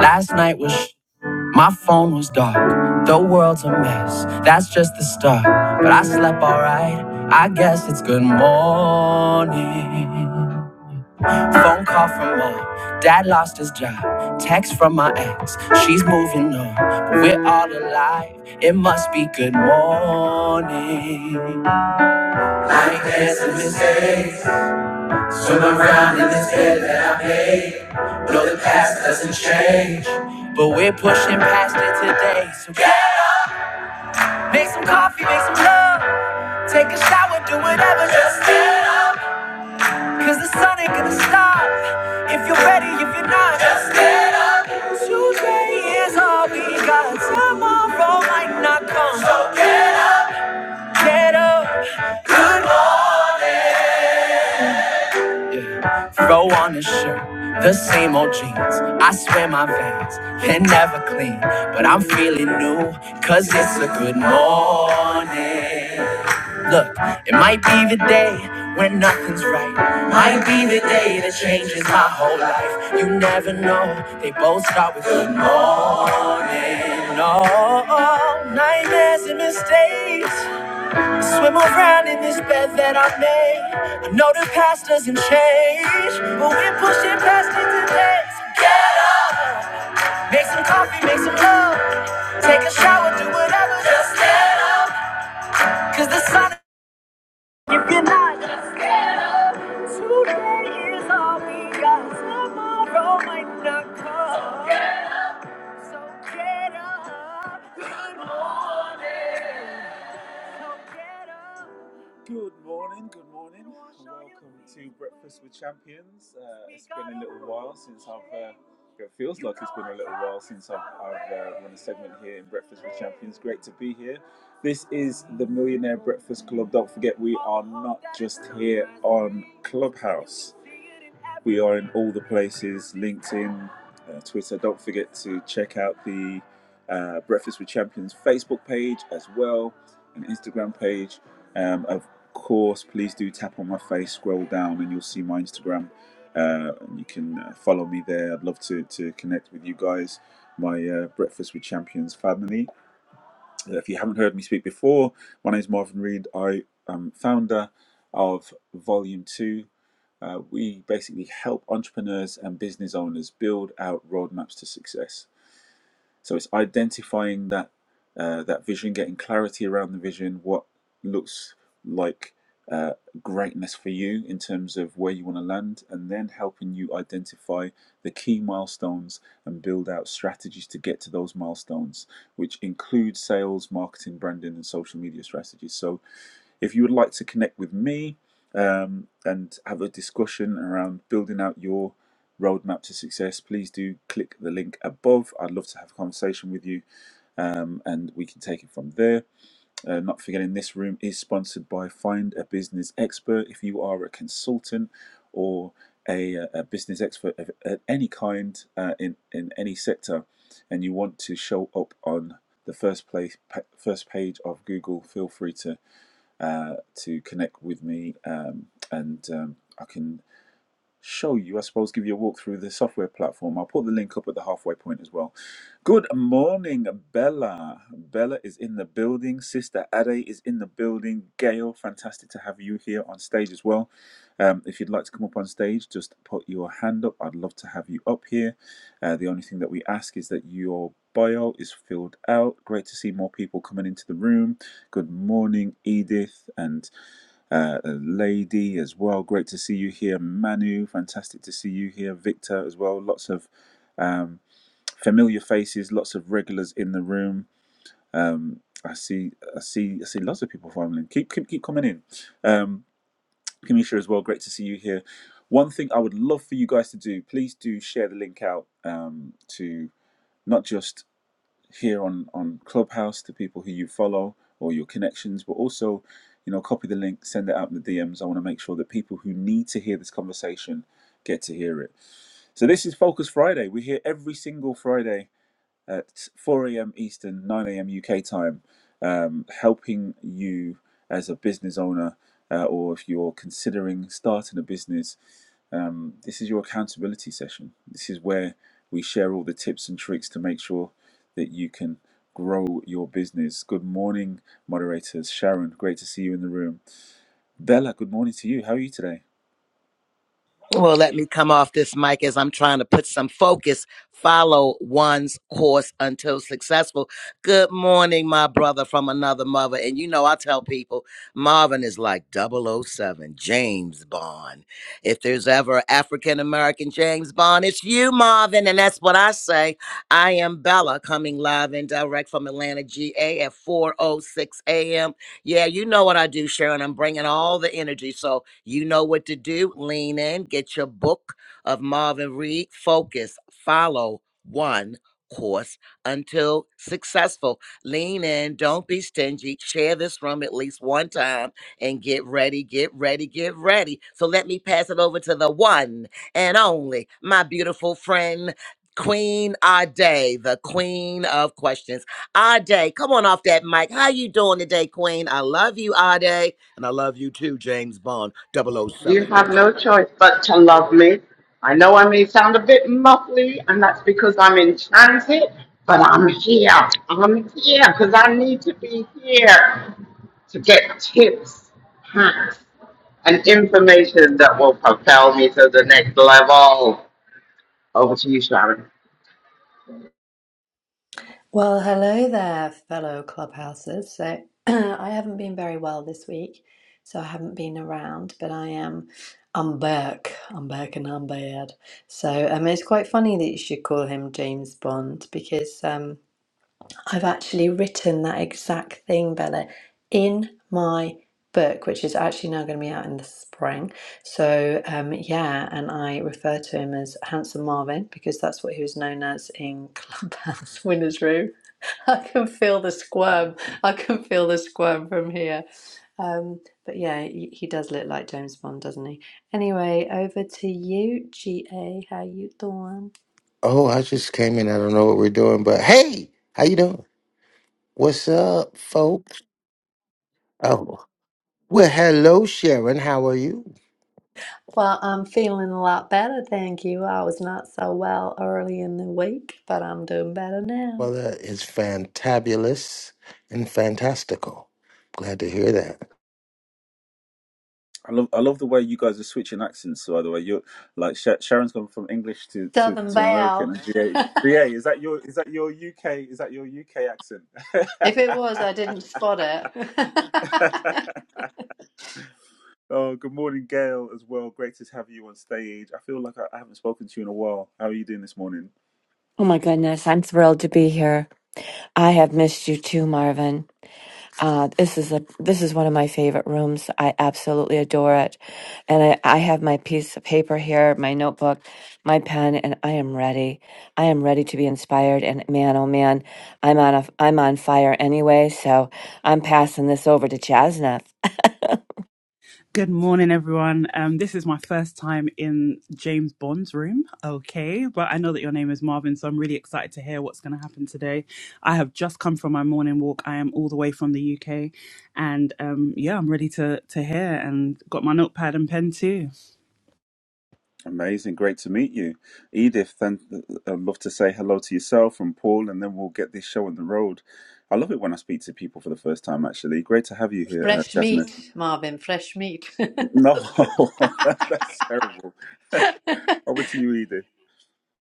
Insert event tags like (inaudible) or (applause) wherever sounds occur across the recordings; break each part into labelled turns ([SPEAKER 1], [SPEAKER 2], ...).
[SPEAKER 1] Last night was sh- my phone was dark. The world's a mess. That's just the start. But I slept alright. I guess it's good morning. Phone call from mom. Dad lost his job. Text from my ex. She's moving on. But we're all alive. It must be good morning. I ain't had some mistakes. Swim around in this bed that I made. No, the past doesn't change. But we're pushing past it today. So yeah. make some coffee, make some love. Take a shower, do whatever. Just get up. Cause the sun ain't gonna stop. If you're ready, if you're not, just get up. Today is all we got. Tomorrow might not come. So get up. Get up. Good morning. Yeah. Throw on a shirt, the same old jeans. I swear my veins can never clean, but I'm feeling new, cause it's a good morning. Look, it might be the day when nothing's right. Might be the day that changes my whole life. You never know. They both start with good morning. Oh, nightmares and mistakes. Swim around in this bed that I made. I know the past doesn't change, but we're pushing past it today. So get- Make some coffee, make some love. Take a shower, do whatever. Just get up. Cause the sun, if you're not, today is all we got. Tomorrow might not come. So get up. Good morning, good morning. Welcome to Breakfast with Champions. Uh, it's been a little while since I've, uh, it feels like it's been a little while since I've, I've uh, run a segment here in Breakfast with Champions. Great to be here. This is the Millionaire Breakfast Club. Don't forget, we are not just here on Clubhouse. We are in all the places LinkedIn, uh, Twitter. Don't forget to check out the uh, Breakfast with Champions Facebook page as well, and Instagram page. Um, of course, please do tap on my face, scroll down, and you'll see my Instagram. Uh, and you can uh, follow me there. I'd love to, to connect with you guys, my uh, Breakfast with Champions family. If you haven't heard me speak before, my name is Marvin Reed. I am founder of Volume 2. Uh, we basically help entrepreneurs and business owners build out roadmaps to success. So it's identifying that uh, that vision, getting clarity around the vision, what looks like uh, greatness for you in terms of where you want to land, and then helping you identify the key milestones and build out strategies to get to those milestones, which include sales, marketing, branding, and social media strategies. So if you would like to connect with me um, and have a discussion around building out your roadmap to success, please do click the link above. I'd love to have a conversation with you um, and we can take it from there. Uh, not forgetting, this room is sponsored by Find a Business Expert. If you are a consultant or a, a business expert of, of any kind uh, in, in any sector and you want to show up on the first place first page of Google, feel free to uh, to connect with me, um, and um, I can show you, I suppose, give you a walk through the software platform. I'll put the link up at the halfway point as well. Good morning, Bella. Bella is in the building. Sister Ade is in the building. Gail, fantastic to have you here on stage as well. Um, if you'd like to come up on stage, just put your hand up. I'd love to have you up here. Uh, the only thing that we ask is that your bio is filled out. Great to see more people coming into the room. Good morning, Edith and uh, Lady as well. Great to see you here, Manu. Fantastic to see you here, Victor as well. Lots of um, familiar faces, lots of regulars in the room. Um, I see, I see, I see lots of people following. Keep, keep, keep coming in. Um, Kamisha as well. Great to see you here. One thing I would love for you guys to do, please do share the link out um, to not just here on on Clubhouse to people who you follow or your connections, but also, you know, copy the link, send it out in the DMs. I want to make sure that people who need to hear this conversation get to hear it. So this is Focus Friday. We're here every single Friday at 4 a.m. Eastern, 9 a.m. UK time, um, helping you as a business owner uh, or if you're considering starting a business. Um, this is your accountability session. This is where we share all the tips and tricks to make sure that you can grow your business. Good morning, moderators. Sharon, great to see you in the room. Bella, good morning to you. How are you today?
[SPEAKER 2] Well, let me come off this mic as I'm trying to put some focus. Follow one's course until successful. Good morning, my brother from another mother. And you know, I tell people Marvin is like Double O Seven James Bond. If there's ever African American James Bond, it's you, Marvin. And that's what I say. I am Bella, coming live and direct from Atlanta, GA at 4.06 a.m. Yeah, you know what I do, Sharon. I'm bringing all the energy. So, you know what to do. Lean in, get your book of Marvin Reed, focus, follow one course until successful. Lean in, don't be stingy. Share this room at least one time and get ready, get ready, get ready. So let me pass it over to the one and only, my beautiful friend. Queen Ade, the queen of questions. Ade, come on off that mic. How you doing today, queen? I love you, Ade. And I love you too, James Bond Double O
[SPEAKER 3] You
[SPEAKER 2] Seven,
[SPEAKER 3] have no choice but to love me. I know I may sound a bit muffly, and that's because I'm in transit, but I'm here. I'm here because I need to be here to get tips, hacks, and information that will propel me to the next level. Over to you, Sharon.
[SPEAKER 4] Well, hello there, fellow clubhouses. So, (clears throat) I haven't been very well this week, so I haven't been around, but I am. I'm back. I'm back and I'm bad. So, um, it's quite funny that you should call him James Bond because um, I've actually written that exact thing, Bella, in my book, which is actually now going to be out in the spring. So, um, yeah, and I refer to him as Handsome Marvin because that's what he was known as in Clubhouse (laughs) Winners Room (laughs) I can feel the squirm. I can feel the squirm from here. Um, but yeah, he, he does look like James Bond, doesn't he? Anyway, over to you, GA. How you doing?
[SPEAKER 5] Oh, I just came in. I don't know what we're doing, but hey, how you doing? What's up, folks? Oh, well, hello, Sharon. How are you?
[SPEAKER 4] Well, I'm feeling a lot better, thank you. I was not so well early in the week, but I'm doing better now.
[SPEAKER 5] Well, that is fantabulous and fantastical. Glad to hear that.
[SPEAKER 1] I love I love the way you guys are switching accents. By the way, you're like Sha Sharon's gone from English to, to,
[SPEAKER 4] Southern
[SPEAKER 1] to American,
[SPEAKER 4] Belle.
[SPEAKER 1] and G A. G A.
[SPEAKER 4] (laughs)
[SPEAKER 1] is that your is that your UK is that your UK accent?
[SPEAKER 4] if it was, I didn't spot it.
[SPEAKER 1] (laughs)
[SPEAKER 4] (laughs)
[SPEAKER 1] oh, good morning, Gail. As well, great to have you on stage. I feel like I, I haven't spoken to you in a while. How are you doing this morning?
[SPEAKER 6] Oh my goodness, I'm thrilled to be here. I have missed you too, Marvin. Uh, this is a this is one of my favorite rooms. I absolutely adore it, and I, I have my piece of paper here, my notebook, my pen, and I am ready. I am ready to be inspired. And man, oh man, I'm on a I'm on fire anyway. So I'm passing this over to Chasnath.
[SPEAKER 7] Good morning, everyone. Um, this is my first time in James Bond's room. Okay, but I know that your name is Marvin, so I'm really excited to hear what's going to happen today. I have just come from my morning walk. I am all the way from the UK, and um, yeah, I'm ready to to hear. And got my notepad and pen too.
[SPEAKER 1] Amazing, great to meet you, Edith. Then I'd love to say hello to yourself and Paul, and then we'll get this show on the road. I love it when I speak to people for the first time. Actually, great to have you here, uh,
[SPEAKER 4] fresh
[SPEAKER 1] Jasmine.
[SPEAKER 4] meat, Marvin, fresh meat.
[SPEAKER 1] No, (laughs) that's terrible.
[SPEAKER 4] (laughs)
[SPEAKER 1] Over to you, Edith.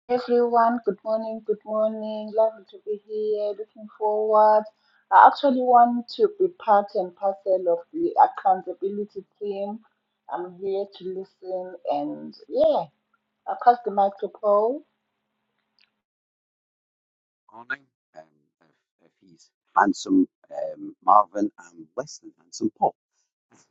[SPEAKER 8] Hey, everyone. Good morning. Good morning. Lovely to be here. Looking forward. I actually want to be part and parcel of the accountability team. I'm here to listen and yeah, I'll pass the mic to Paul.
[SPEAKER 9] morning. Um, if, if he's handsome, um, Marvin, and less than handsome, Paul.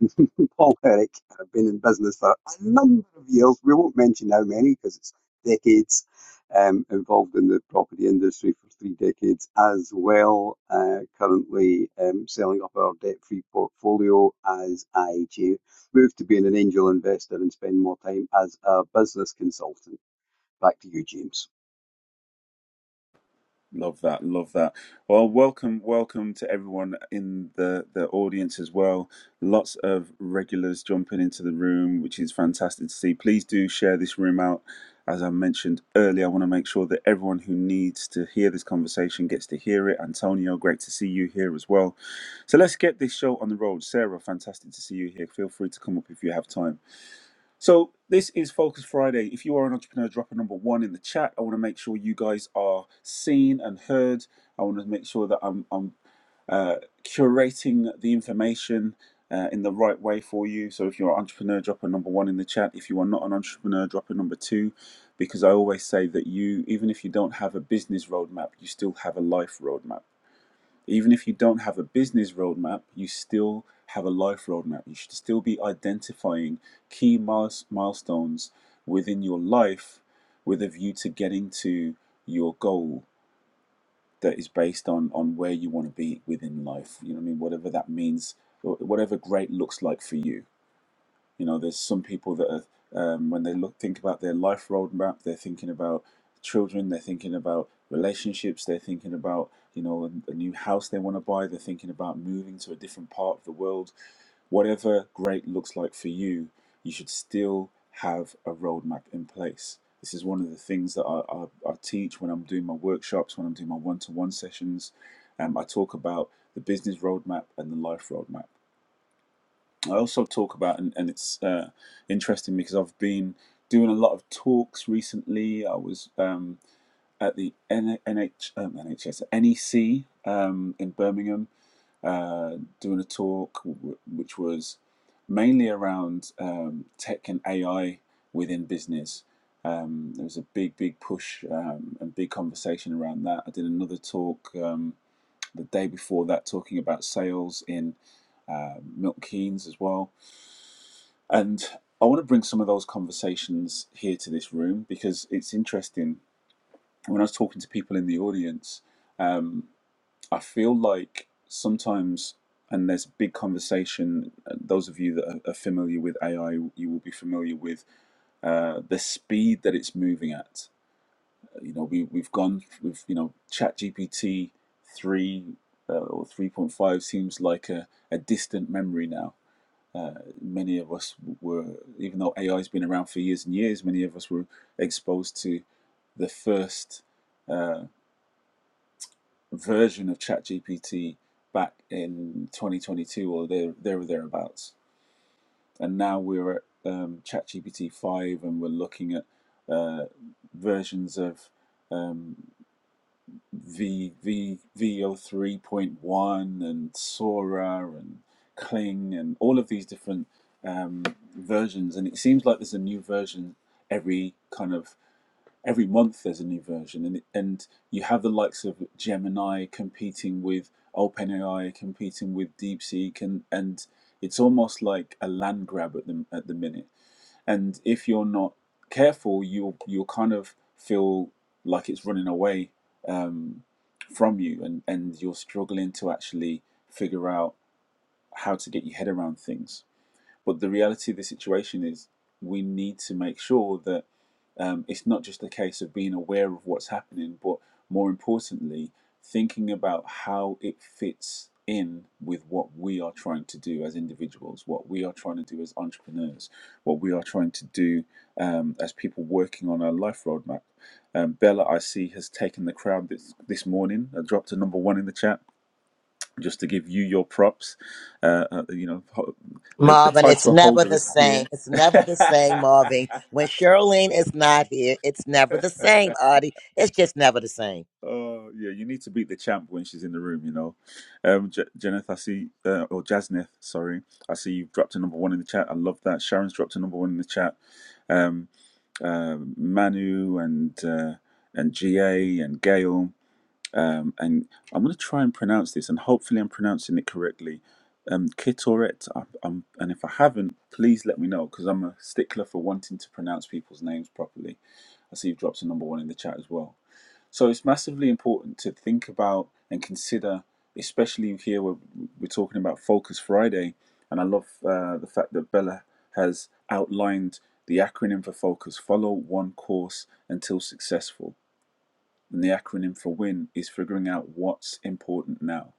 [SPEAKER 9] (laughs) Paul Herrick have been in business for a number of years. We won't mention how many because it's decades. Um, involved in the property industry for three decades as well. Uh, currently um, selling up our debt free portfolio as I move to being an angel investor and spend more time as a business consultant. Back to you, James.
[SPEAKER 1] Love that. Love that. Well, welcome, welcome to everyone in the the audience as well. Lots of regulars jumping into the room, which is fantastic to see. Please do share this room out. As I mentioned earlier, I want to make sure that everyone who needs to hear this conversation gets to hear it. Antonio, great to see you here as well. So let's get this show on the road. Sarah, fantastic to see you here. Feel free to come up if you have time. So this is Focus Friday. If you are an entrepreneur, drop a number one in the chat. I want to make sure you guys are seen and heard. I want to make sure that I'm I'm uh, curating the information uh, in the right way for you. So if you're an entrepreneur, drop a number one in the chat. If you are not an entrepreneur, drop a number two, because I always say that you, even if you don't have a business roadmap, you still have a life roadmap. Even if you don't have a business roadmap, you still have a life roadmap. You should still be identifying key miles, milestones within your life with a view to getting to your goal that is based on, on where you want to be within life. You know what I mean? Whatever that means, whatever great looks like for you you know, there's some people that are, um, when they look think about their life roadmap, they're thinking about children, they're thinking about relationships, they're thinking about you know a, a new house they want to buy, they're thinking about moving to a different part of the world. Whatever great looks like for you, you should still have a roadmap in place. This is one of the things that I, I, I teach when I'm doing my workshops, when I'm doing my one-to-one sessions. Um, I talk about the business roadmap and the life roadmap I also talk about, and, and it's uh, interesting because I've been doing a lot of talks recently. I was um, at the NH, um, NHS, NEC um, in Birmingham uh, doing a talk w- which was mainly around um, tech and AI within business. Um, there was a big, big push um, and big conversation around that. I did another talk um, the day before that talking about sales in uh, Milton Keynes as well and I want to bring some of those conversations here to this room because it's interesting. When I was talking to people in the audience, um, I feel like sometimes, and there's a big conversation, uh, those of you that are are familiar with AI, you will be familiar with uh, the speed that it's moving at. You know, we, we've gone with, you know, ChatGPT 3 uh, or 3.5 seems like a, a distant memory now uh, Many of us were, even though AI has been around for years and years, many of us were exposed to the first uh, version of ChatGPT back in 2022 or there, there or thereabouts. And now we're at um, ChatGPT 5 and we're looking at uh, versions of um, V V V 3one and Sora and Kling and all of these different um, versions. And it seems like there's a new version every kind of every month there's a new version and and you have the likes of Gemini competing with OpenAI competing with DeepSeek and and it's almost like a land grab at the at the minute and if you're not careful you'll you'll kind of feel like it's running away um, from you and and you're struggling to actually figure out how to get your head around things but the reality of the situation is we need to make sure that um, it's not just a case of being aware of what's happening, but more importantly, thinking about how it fits in with what we are trying to do as individuals, what we are trying to do as entrepreneurs, what we are trying to do um, as people working on our life roadmap. Um, Bella, I see, has taken the crowd this, this morning. I dropped a number one in the chat just to give you your props. Uh, uh, you know, ho- the, the
[SPEAKER 2] Marvin, it's
[SPEAKER 1] title
[SPEAKER 2] never
[SPEAKER 1] holder
[SPEAKER 2] the
[SPEAKER 1] isn't here.
[SPEAKER 2] same. It's
[SPEAKER 1] (laughs)
[SPEAKER 2] never the same, Marvin. When Charlene is not here, it's never the same, Audie. It's just never the same.
[SPEAKER 1] oh yeah, you need to beat the champ when she's in the room. You know, um, J- Jeneth, I see, uh, or Jasneth, sorry, I see you've dropped a number one in the chat. I love that. Sharon's dropped a number one in the chat. Um, um Manu and uh, and Ga and Gail. um, and I'm going to try and pronounce this, and hopefully I'm pronouncing it correctly. Um, Kitoret, I, I'm, and if I haven't, please let me know because I'm a stickler for wanting to pronounce people's names properly. I see you've dropped a number one in the chat as well. So it's massively important to think about and consider, especially here where we're talking about Focus Friday. And I love uh, the fact that Bella has outlined the acronym for Focus follow one course until successful and the acronym for win is figuring out what's important now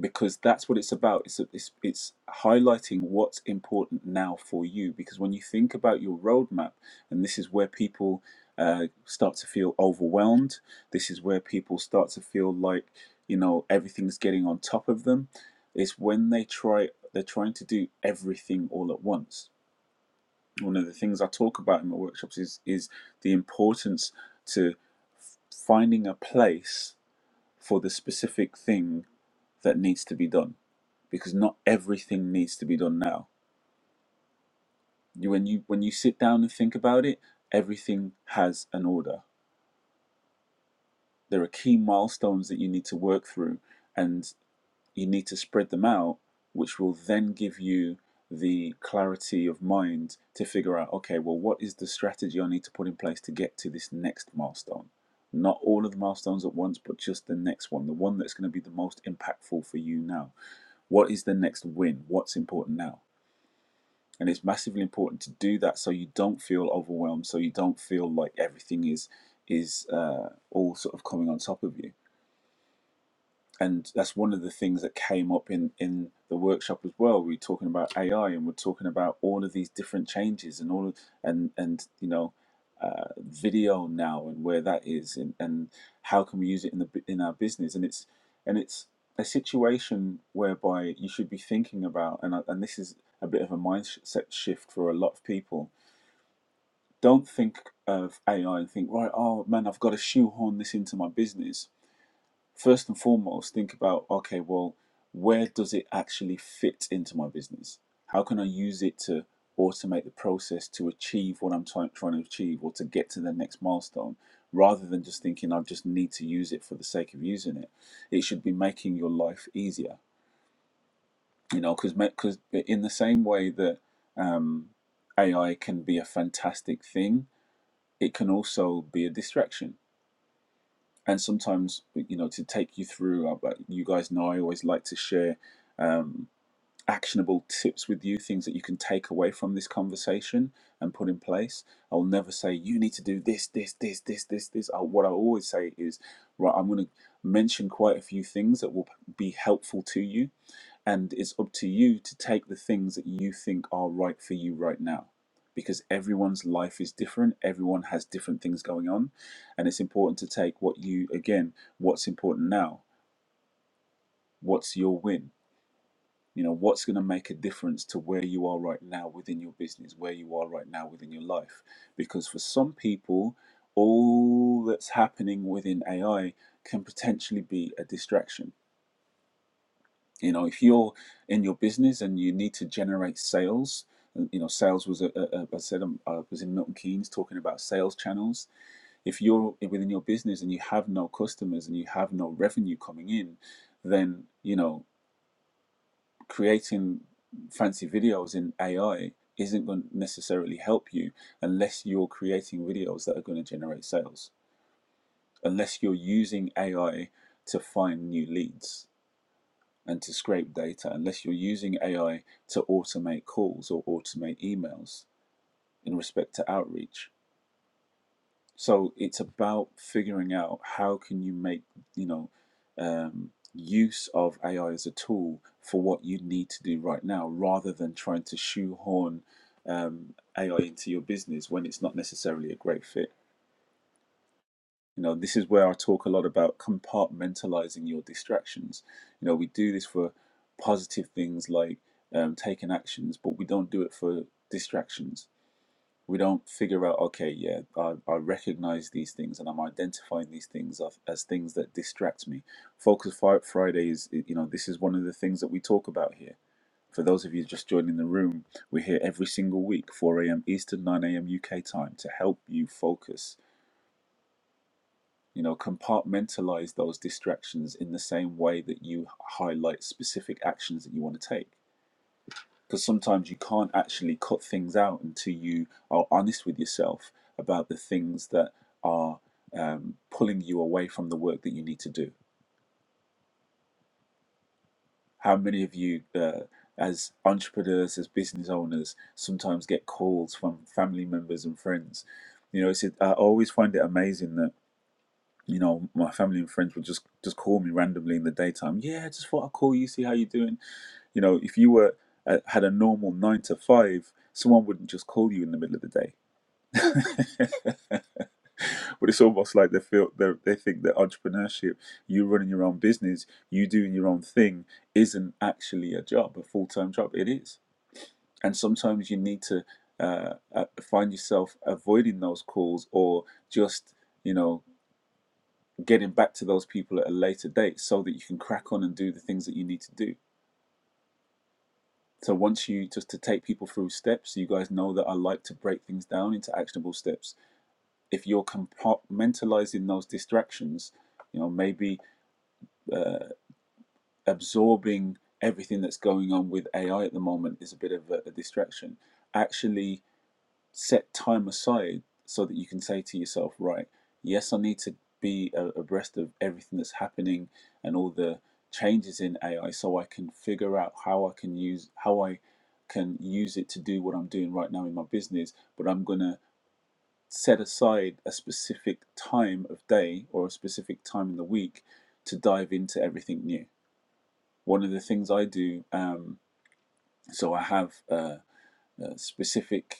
[SPEAKER 1] because that's what it's about it's, it's it's highlighting what's important now for you because when you think about your roadmap and this is where people uh, start to feel overwhelmed this is where people start to feel like you know everything's getting on top of them it's when they try they're trying to do everything all at once one of the things i talk about in my workshops is is the importance to finding a place for the specific thing that needs to be done because not everything needs to be done now you, when you when you sit down and think about it everything has an order there are key milestones that you need to work through and you need to spread them out which will then give you the clarity of mind to figure out okay well what is the strategy i need to put in place to get to this next milestone not all of the milestones at once but just the next one the one that's going to be the most impactful for you now What is the next win? What's important now? And it's massively important to do that so you don't feel overwhelmed, so you don't feel like everything is is uh, all sort of coming on top of you and that's one of the things that came up in in the workshop as well we were talking about ai and we're talking about all of these different changes and all of, and and you know uh, video now and where that is and, and how can we use it in the in our business and it's and it's a situation whereby you should be thinking about and I- and this is a bit of a mindset shift for a lot of people don't think of AI and think right oh man I've got to shoehorn this into my business first and foremost think about okay well where does it actually fit into my business how can i use it to automate the process to achieve what i'm try- trying to achieve or to get to the next milestone rather than just thinking i just need to use it for the sake of using it it should be making your life easier you know because because in the same way that um, ai can be a fantastic thing it can also be a distraction and sometimes you know to take you through uh, but you guys know i always like to share um, actionable tips with you things that you can take away from this conversation and put in place i'll never say you need to do this this this this this this I, what i always say is right i'm going to mention quite a few things that will be helpful to you and it's up to you to take the things that you think are right for you right now. Because everyone's life is different, everyone has different things going on. And it's important to take what you, again, what's important now, what's your win, you know, what's going to make a difference to where you are right now within your business, where you are right now within your life. Because for some people, all that's happening within AI can potentially be a distraction you know if you're in your business and you need to generate sales uh, you know sales was a, a, a, i said um, i was in milton keynes talking about sales channels if you're within your business and you have no customers and you have no revenue coming in then you know creating fancy videos in ai isn't going to necessarily help you unless you're creating videos that are going to generate sales unless you're using ai to find new leads and to scrape data unless you're using AI to automate calls or automate emails in respect to outreach. So it's about figuring out how can you make you know um, use of AI as a tool for what you need to do right now, rather than trying to shoehorn um, AI into your business when it's not necessarily a great fit. You know, this is where I talk a lot about compartmentalizing your distractions. You know, we do this for positive things like um, taking actions, but we don't do it for distractions. We don't figure out, okay, yeah, I, I recognize these things and I'm identifying these things as, as things that distract me. Focus Fri- Friday is, you know, this is one of the things that we talk about here. For those of you just joining the room, we're here every single week, 4 a.m. Eastern, 9 a.m. UK time, to help you focus you know, compartmentalize those distractions in the same way that you highlight specific actions that you want to take. Because sometimes you can't actually cut things out until you are honest with yourself about the things that are um, pulling you away from the work that you need to do. How many of you, uh, as entrepreneurs, as business owners, sometimes get calls from family members and friends? You know, it's, I always find it amazing that you know, my family and friends would just just call me randomly in the daytime. Yeah, just thought I'd call you, see how you're doing. You know, if you were uh, had a normal nine to five, someone wouldn't just call you in the middle of the day. (laughs) but it's almost like they feel they they think that entrepreneurship, you running your own business, you doing your own thing, isn't actually a job, a full time job. It is, and sometimes you need to uh, uh, find yourself avoiding those calls or just you know getting back to those people at a later date so that you can crack on and do the things that you need to do. So once you just to take people through steps, you guys know that I like to break things down into actionable steps. If you're compartmentalizing those distractions, you know maybe uh, absorbing everything that's going on with AI at the moment is a bit of a, a distraction. Actually set time aside so that you can say to yourself, right, yes, I need to be abreast of everything that's happening and all the changes in AI so I can figure out how I can use how I can use it to do what I'm doing right now in my business, but I'm going to set aside a specific time of day or a specific time in the week to dive into everything new. One of the things I do, um, so I have uh, uh, specific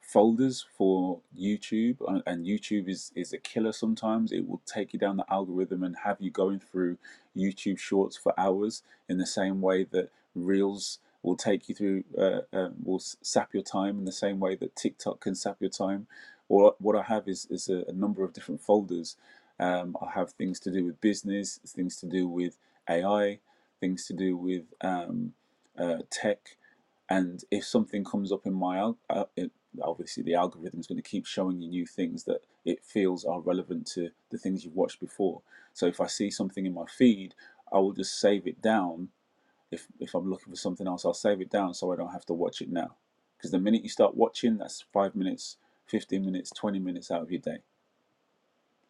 [SPEAKER 1] folders for YouTube, uh, and YouTube is is a killer sometimes. It will take you down the algorithm and have you going through YouTube Shorts for hours, in the same way that Reels will take you through, uh, uh, will sap your time, in the same way that TikTok can sap your time. Or what I have is is a, a number of different folders. Um, I have things to do with business, things to do with AI, things to do with um, uh, tech, and if something comes up in my uh, obviously the algorithm is going to keep showing you new things that it feels are relevant to the things you've watched before. So if I see something in my feed, I will just save it down. If if I'm looking for something else, I'll save it down so I don't have to watch it now. Because the minute you start watching, that's five minutes, fifteen minutes, twenty minutes out of your day.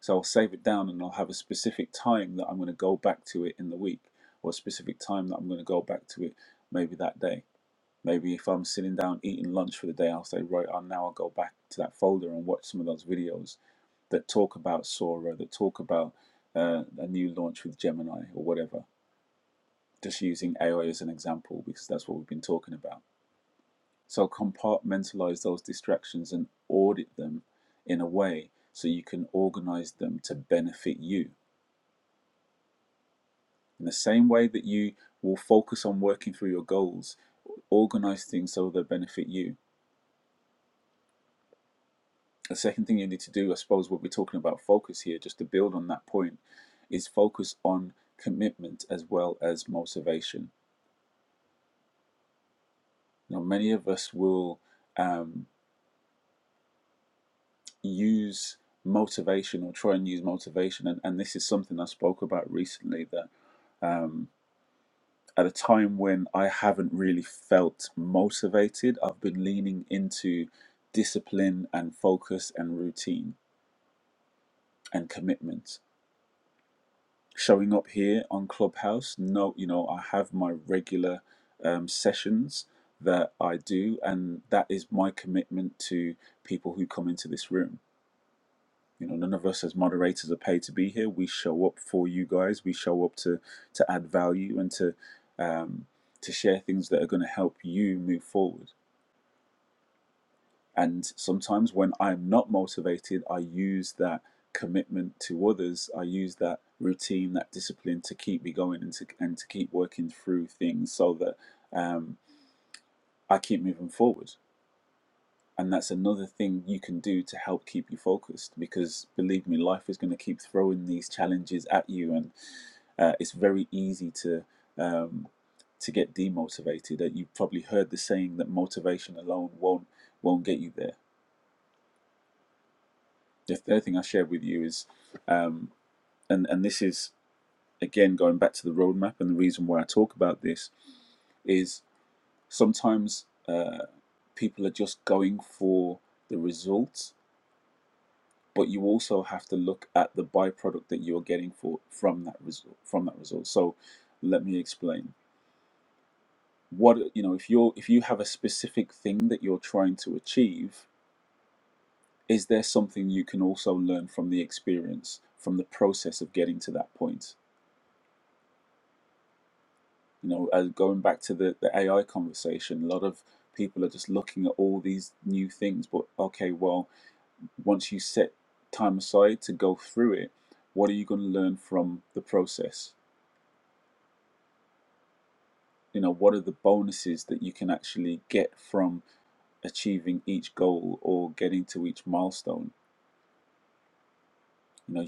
[SPEAKER 1] So I'll save it down and I'll have a specific time that I'm going to go back to it in the week, or a specific time that I'm going to go back to it maybe that day. Maybe if I'm sitting down eating lunch for the day, I'll say, right, I'll now go back to that folder and watch some of those videos that talk about Sora, that talk about uh, a new launch with Gemini or whatever. Just using AI as an example because that's what we've been talking about. So compartmentalize those distractions and audit them in a way so you can organize them to benefit you. In the same way that you will focus on working through your goals, organize things so they benefit you The second thing you need to do, I suppose, what we're talking about focus here, just to build on that point, is focus on commitment as well as motivation. Now, many of us will um, use motivation or try and use motivation, and, and this is something I spoke about recently that um, at a time when I haven't really felt motivated, I've been leaning into discipline and focus and routine and commitment showing up here on Clubhouse. No, you know, I have my regular um, sessions that I do, and that is my commitment to people who come into this room. You know, none of us as moderators are paid to be here. We show up for you guys. We show up to to add value and to um, to share things that are going to help you move forward. And sometimes when I'm not motivated, I use that commitment to others. I use that routine, that discipline to keep me going and to, and to keep working through things so that um, I keep moving forward. And that's another thing you can do to help keep you focused because believe me, life is going to keep throwing these challenges at you. And uh, it's very easy to. Um, to get demotivated, that you've probably heard the saying that motivation alone won't won't get you there the third thing I shared with you is, um, and and this is again going back to the roadmap and the reason why I talk about this is sometimes uh, people are just going for the results, but you also have to look at the byproduct that you are getting for from that result from that result. So let me explain. What you know, if you're if you have a specific thing that you're trying to achieve, is there something you can also learn from the experience, from the process of getting to that point? You know, as going back to the, the AI conversation, a lot of people are just looking at all these new things, but okay, well, once you set time aside to go through it, what are you going to learn from the process? You know, what are the bonuses that you can actually get from achieving each goal or getting to each milestone. You know,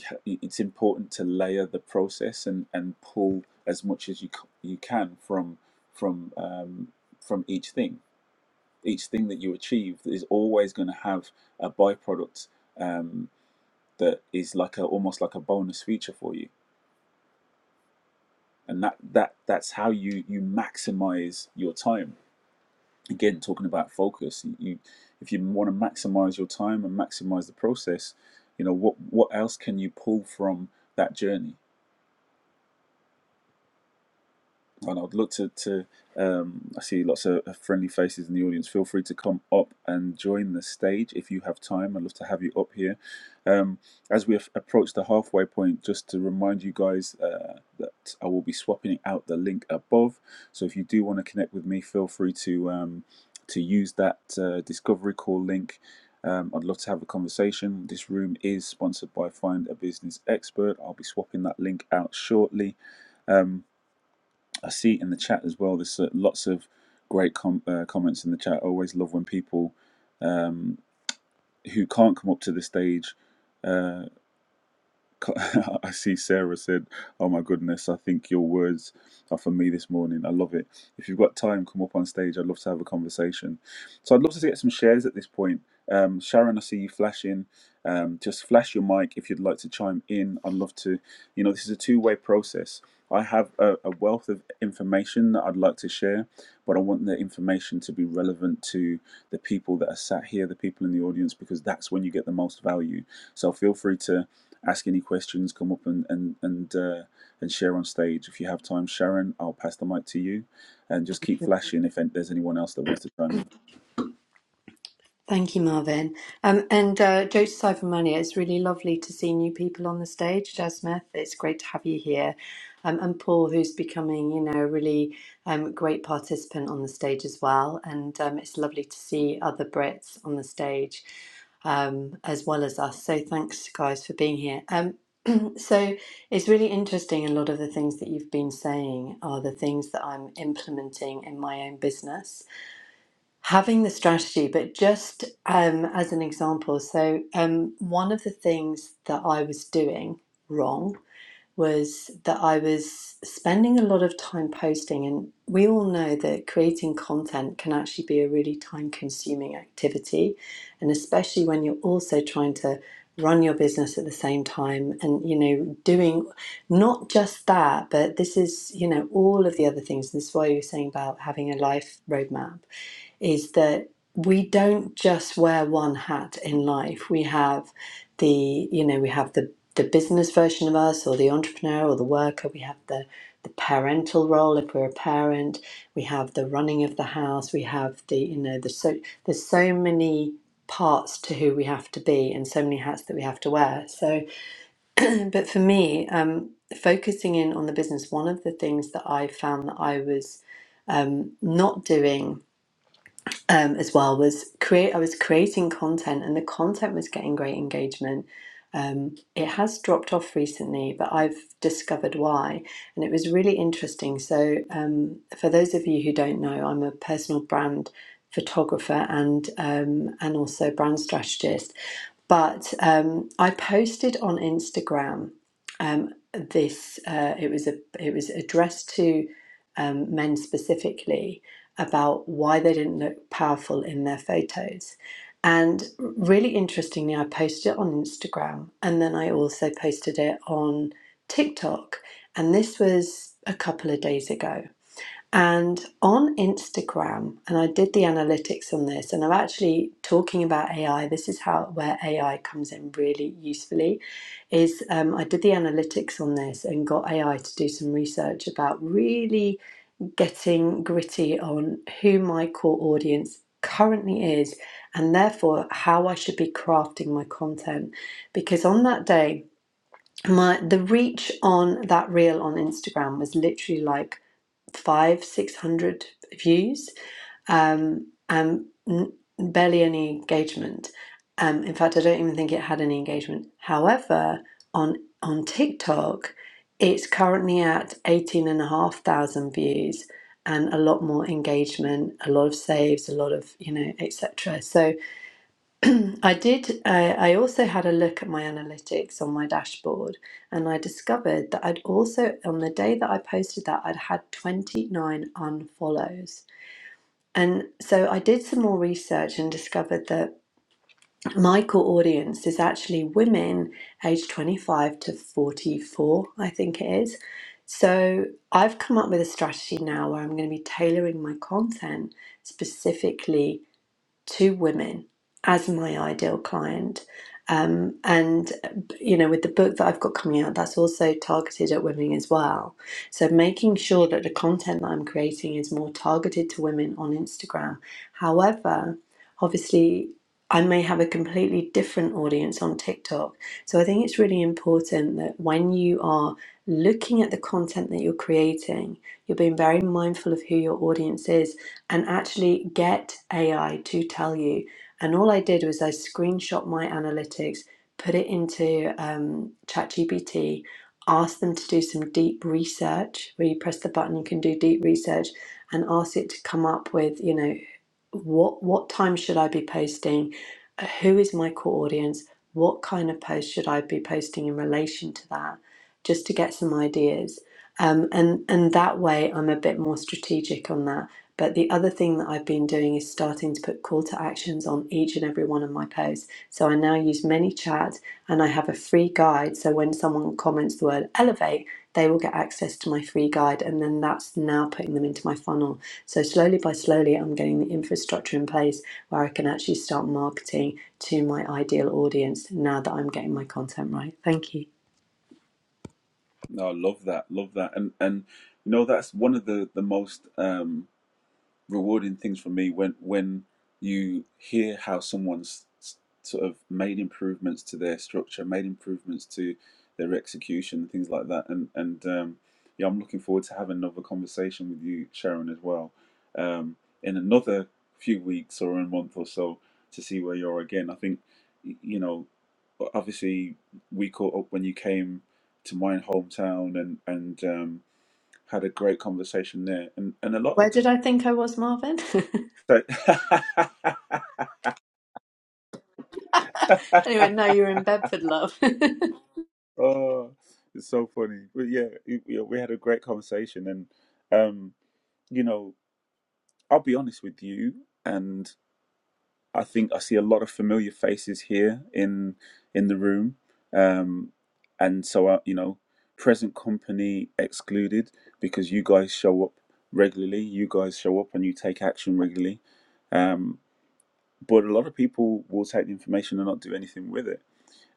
[SPEAKER 1] it's important to layer the process and, and pull as much as you you can from from um, from each thing. each thing that you achieve is always going to have a byproduct um, that is like a almost like a bonus feature for you, and that that that's how you you maximize your time. Again, talking about focus, you if you want to maximize your time and maximize the process, you know what what else can you pull from that journey? and I'd look to, to um, I see lots of friendly faces in the audience. Feel free to come up and join the stage if you have time. I'd love to have you up here. Um, as we approach the halfway point, just to remind you guys uh, that I will be swapping out the link above. So if you do want to connect with me, feel free to um, to use that uh, discovery call link. Um, I'd love to have a conversation. This room is sponsored by Find a Business Expert. I'll be swapping that link out shortly I see in the chat as well. There's uh, lots of great com- uh, comments in the chat. I always love when people who can't come up to the stage. Uh, (laughs) I see Sarah said, "Oh my goodness, I think your words are for me this morning. I love it. If you've got time, come up on stage. I'd love to have a conversation." So I'd love to get some shares at this point. Um, Sharon, I see you flashing. Um, just flash your mic if you'd like to chime in. I'd love to. You know, this is a two way process. I have a, a wealth of information that I'd like to share, but I want the information to be relevant to the people that are sat here, the people in the audience, because that's when you get the most value. So feel free to ask any questions, come up and and and uh, and share on stage if you have time. Sharon, I'll pass the mic to you, and just keep flashing if there's anyone else that wants to chime in.
[SPEAKER 4] Thank you, Marvin. Um, and uh, jokes aside from money, it's really lovely to see new people on the stage. Jazz it's great to have you here. Um, and Paul, who's becoming, you know, a really um, great participant on the stage as well. And um, it's lovely to see other Brits on the stage um, as well as us. So thanks, guys, for being here. Um, so it's really interesting. A lot of the things that you've been saying are the things that I'm implementing in my own business having the strategy, but just um, as an example, so um, one of the things that I was doing wrong was that I was spending a lot of time posting, and we all know that creating content can actually be a really time consuming activity, and especially when you're also trying to run your business at the same time and you know doing not just that but this is you know all of the other things this is why you were saying about having a life roadmap is that we don't just wear one hat in life. We have the, you know, we have the the business version of us or the entrepreneur or the worker, we have the the parental role if we're a parent, we have the running of the house, we have the, you know, the so there's so many parts to who we have to be and so many hats that we have to wear. So (clears throat) but for me, um focusing in on the business, one of the things that I found that I was um, not doing um, as well was create. I was creating content, and the content was getting great engagement. Um, it has dropped off recently, but I've discovered why, and it was really interesting. So, um, for those of you who don't know, I'm a personal brand photographer and um, and also brand strategist, but um, I posted on Instagram um, this. Uh, it was a it was addressed to um, men specifically about why they didn't look powerful in their photos, and really interestingly, I posted it on Instagram, and then I also posted it on TikTok, and this was a couple of days ago. And on Instagram, and I did the analytics on this, and I'm actually talking about AI. This is how where AI comes in really usefully. Is um, I did the analytics on this and got AI to do some research about really getting gritty on who my core audience currently is, and therefore how I should be crafting my content. Because on that day, my the reach on that reel on Instagram was literally like five, six hundred views, um, and barely any engagement. Um, in fact, I don't even think it had any engagement. However, on on TikTok, it's currently at eighteen and a half thousand views and a lot more engagement, a lot of saves, a lot of you know, etc. I did. Uh, I also had a look at my analytics on my dashboard, and I discovered that I'd also, on the day that I posted that, I'd had 29 unfollows. And so I did some more research and discovered that my core audience is actually women aged 25 to 44, I think it is. So I've come up with a strategy now where I'm going to be tailoring my content specifically two women as my ideal client. Um, and, you know, with the book that I've got coming out, that's also targeted at women as well. So making sure that the content that I'm creating is more targeted to women on Instagram. However, obviously, I may have a completely different audience on TikTok. So I think it's really important that when you are looking at the content that you're creating, you're being very mindful of who your audience is and actually get AI to tell you. And all I did was I screenshot my analytics, put it into um, ChatGPT, ask them to do some deep research where you press the button, you can do deep research and ask it to come up with, you know, what what time should I be posting? Uh, Who is my core audience? What kind of post should I be posting in relation to that? Just to get some ideas, um, and and that way I'm a bit more strategic on that. But the other thing that I've been doing is starting to put call to actions on each and every one of my posts. So I now use ManyChat and I have a free guide. So when someone comments the word elevate, they will get access to my free guide, and then that's now putting them into my funnel. So slowly by slowly, I'm getting the infrastructure in place where I can actually start marketing to my ideal audience now that I'm getting my content right. Thank you.
[SPEAKER 1] No, I love that, love that, and and you know that's one of the the most um, rewarding things for me when when you hear how someone's sort of made improvements to their structure, made improvements to their execution, things like that. And and um, yeah, I'm looking forward to having another conversation with you, Sharon, as well, um, in another few weeks or a month or so to see where you are again. I think you know, obviously we caught up when you came to my hometown and and um, had a great conversation there. And and a lot of
[SPEAKER 4] Where did I think I was, Marvin? (laughs)
[SPEAKER 1] so, (laughs)
[SPEAKER 4] anyway, no, you're in Bedford, love. (laughs) Can
[SPEAKER 1] oh, it's so funny. But yeah, it, yeah, we had a great conversation, and um, you know, I'll be honest with you, and I think I see a lot of familiar faces here in in the room, um, and so I, you know, present company excluded because you guys show up regularly, you guys show up and you take action regularly. Um, but a lot of people will take the information and not do anything with it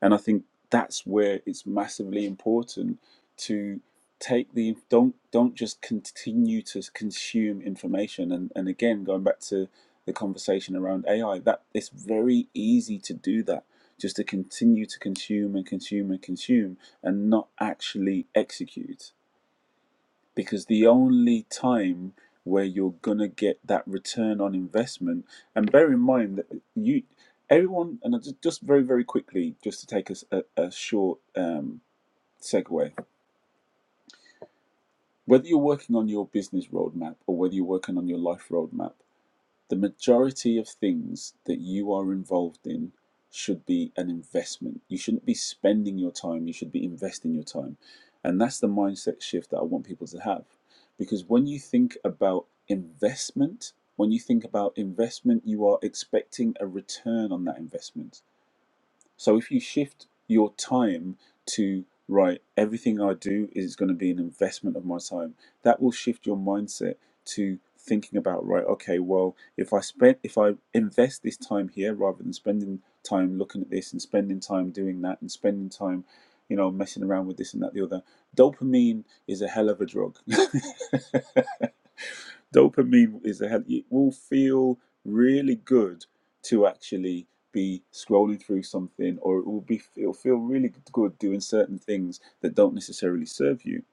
[SPEAKER 1] And I think that's where it's massively important to take the don't don't just continue to consume information and, and again going back to the conversation around AI that it's very easy to do that just to continue to consume and consume and consume and not actually execute because the only time where you're gonna get that return on investment and bear in mind that you everyone and I just, just very very quickly just to take us a, a short um, segue whether you're working on your business roadmap or whether you're working on your life roadmap the majority of things that you are involved in should be an investment. You shouldn't be spending your time, you should be investing your time. And that's the mindset shift that I want people to have. Because when you think about investment, when you think about investment, you are expecting a return on that investment. So if you shift your time to right, everything I do is going to be an investment of my time, that will shift your mindset to thinking about right, okay, well, if I spend if I invest this time here rather than spending time looking at this and spending time doing that and spending time you know messing around with this and that the other dopamine is a hell of a drug (laughs) dopamine is a hell. It will feel really good to actually be scrolling through something or it will be it'll feel really good doing certain things that don't necessarily serve you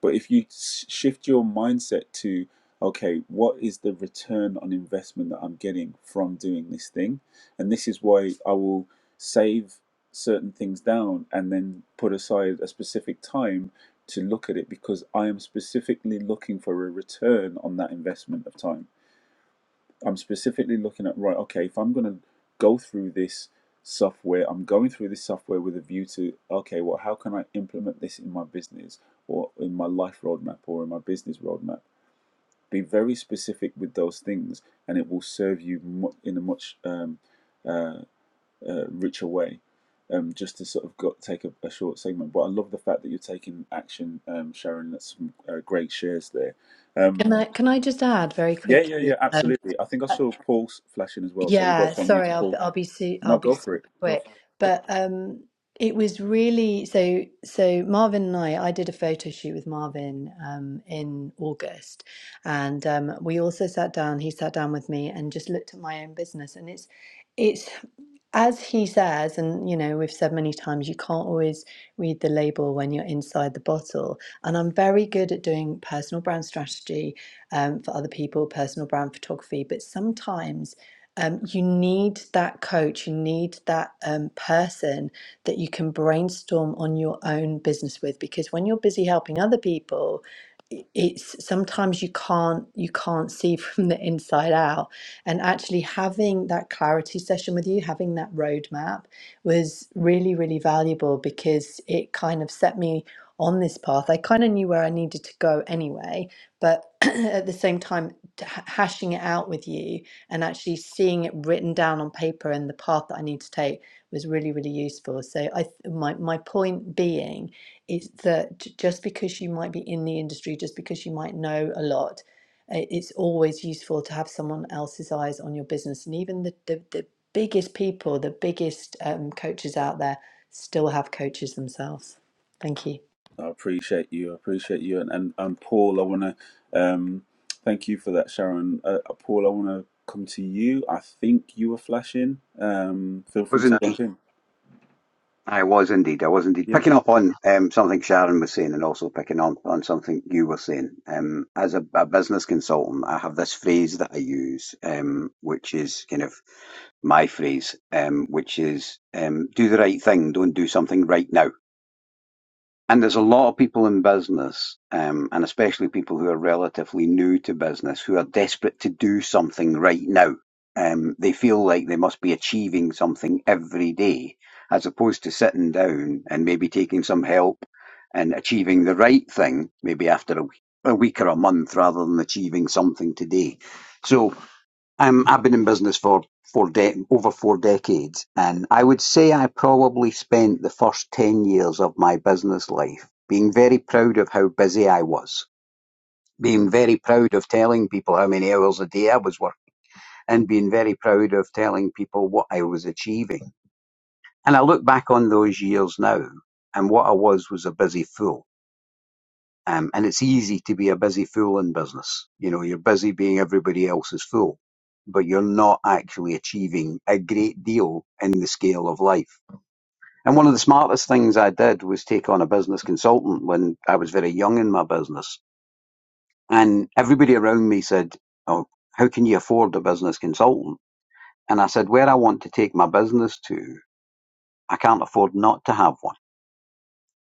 [SPEAKER 1] but if you s- shift your mindset to okay what is the return on investment that i'm getting from doing this thing and this is why i will save certain things down and then put aside a specific time to look at it because i am specifically looking for a return on that investment of time I'm specifically looking at right. Okay, if I'm going to go through this software, I'm going through this software with a view to okay, well, how can I implement this in my business or in my life roadmap or in my business roadmap? Be very specific with those things, and it will serve you in a much um, uh, richer way. Um, just to sort of go take a, a short segment, but I love the fact that you're taking action, um, Sharon. That's some uh, great shares there. Um,
[SPEAKER 4] I can I just add very
[SPEAKER 1] yeah, yeah, yeah,
[SPEAKER 4] quickly? Um,
[SPEAKER 1] absolutely. I think I saw Paul's flashing as well, so we got
[SPEAKER 4] Yeah,
[SPEAKER 1] from you to
[SPEAKER 4] sorry, I'll
[SPEAKER 1] Paul.
[SPEAKER 4] I'll be su I'll
[SPEAKER 1] No,
[SPEAKER 4] be
[SPEAKER 1] go for it.
[SPEAKER 4] super
[SPEAKER 1] Go for
[SPEAKER 4] quick. But um it was really so so Marvin and I I did a photo shoot with Marvin um in August and um we also sat down he sat down with me and just looked at my own business and it's it's as he says and you know we've said many times you can't always read the label when you're inside the bottle and I'm very good at doing personal brand strategy um for other people personal brand photography but sometimes um, you need that coach, you need that um, person that you can brainstorm on your own business with because when you're busy helping other people, i- it's sometimes you can't you can't see (laughs) from the inside out and actually having that clarity session with you having that roadmap was really really valuable because it kind of set me on this path i kind of knew where i needed to go anyway but (clears throat) at the same time t- hashing it out with you and actually seeing it written down on paper and the path that I need to take was really, really useful. So I, my, my point being is that just because you might be in the industry, just because you might know a lot, uh, it's always useful to have someone else's eyes on your business. And even the, the, the biggest people, the biggest um, coaches out there still have coaches themselves. Thank you.
[SPEAKER 1] it. I appreciate you. I appreciate you. And, and, and Paul, I want to um, thank you for that, Sharon. Uh, uh, Paul, I want to come to you. I think you were flashing. Um, feel free
[SPEAKER 9] Was
[SPEAKER 1] to
[SPEAKER 9] in
[SPEAKER 1] jump in.
[SPEAKER 9] I was indeed. I was indeed
[SPEAKER 1] Yeah.
[SPEAKER 9] picking up on um, something Sharon was saying, and also picking on on something you were saying. Um, as a, a business consultant, I have this phrase that I use, um, which is kind of my phrase, um, which is um, "do the right thing, don't do something right now." And there's a lot of people in business, um, and especially people who are relatively new to business, who are desperate to do something right now. Um, they feel like they must be achieving something every day, as opposed to sitting down and maybe taking some help and achieving the right thing, maybe after a week, a week or a month, rather than achieving something today. So um, I've been in business for four de- over four decades, and I would say I probably spent the first 10 years of my business life being very proud of how busy I was, being very proud of telling people how many hours a day I was working, and being very proud of telling people what I was achieving. And I look back on those years now, and what I was was a busy fool. Um, and it's easy to be a busy fool in business. You know, you're busy being everybody else's fool, but you're not actually achieving a great deal in the scale of life. And one of the smartest things I did was take on a business consultant when I was very young in my business. And everybody around me said, Oh, how can you afford a business consultant? And I said, Where I want to take my business to, I can't afford not to have one.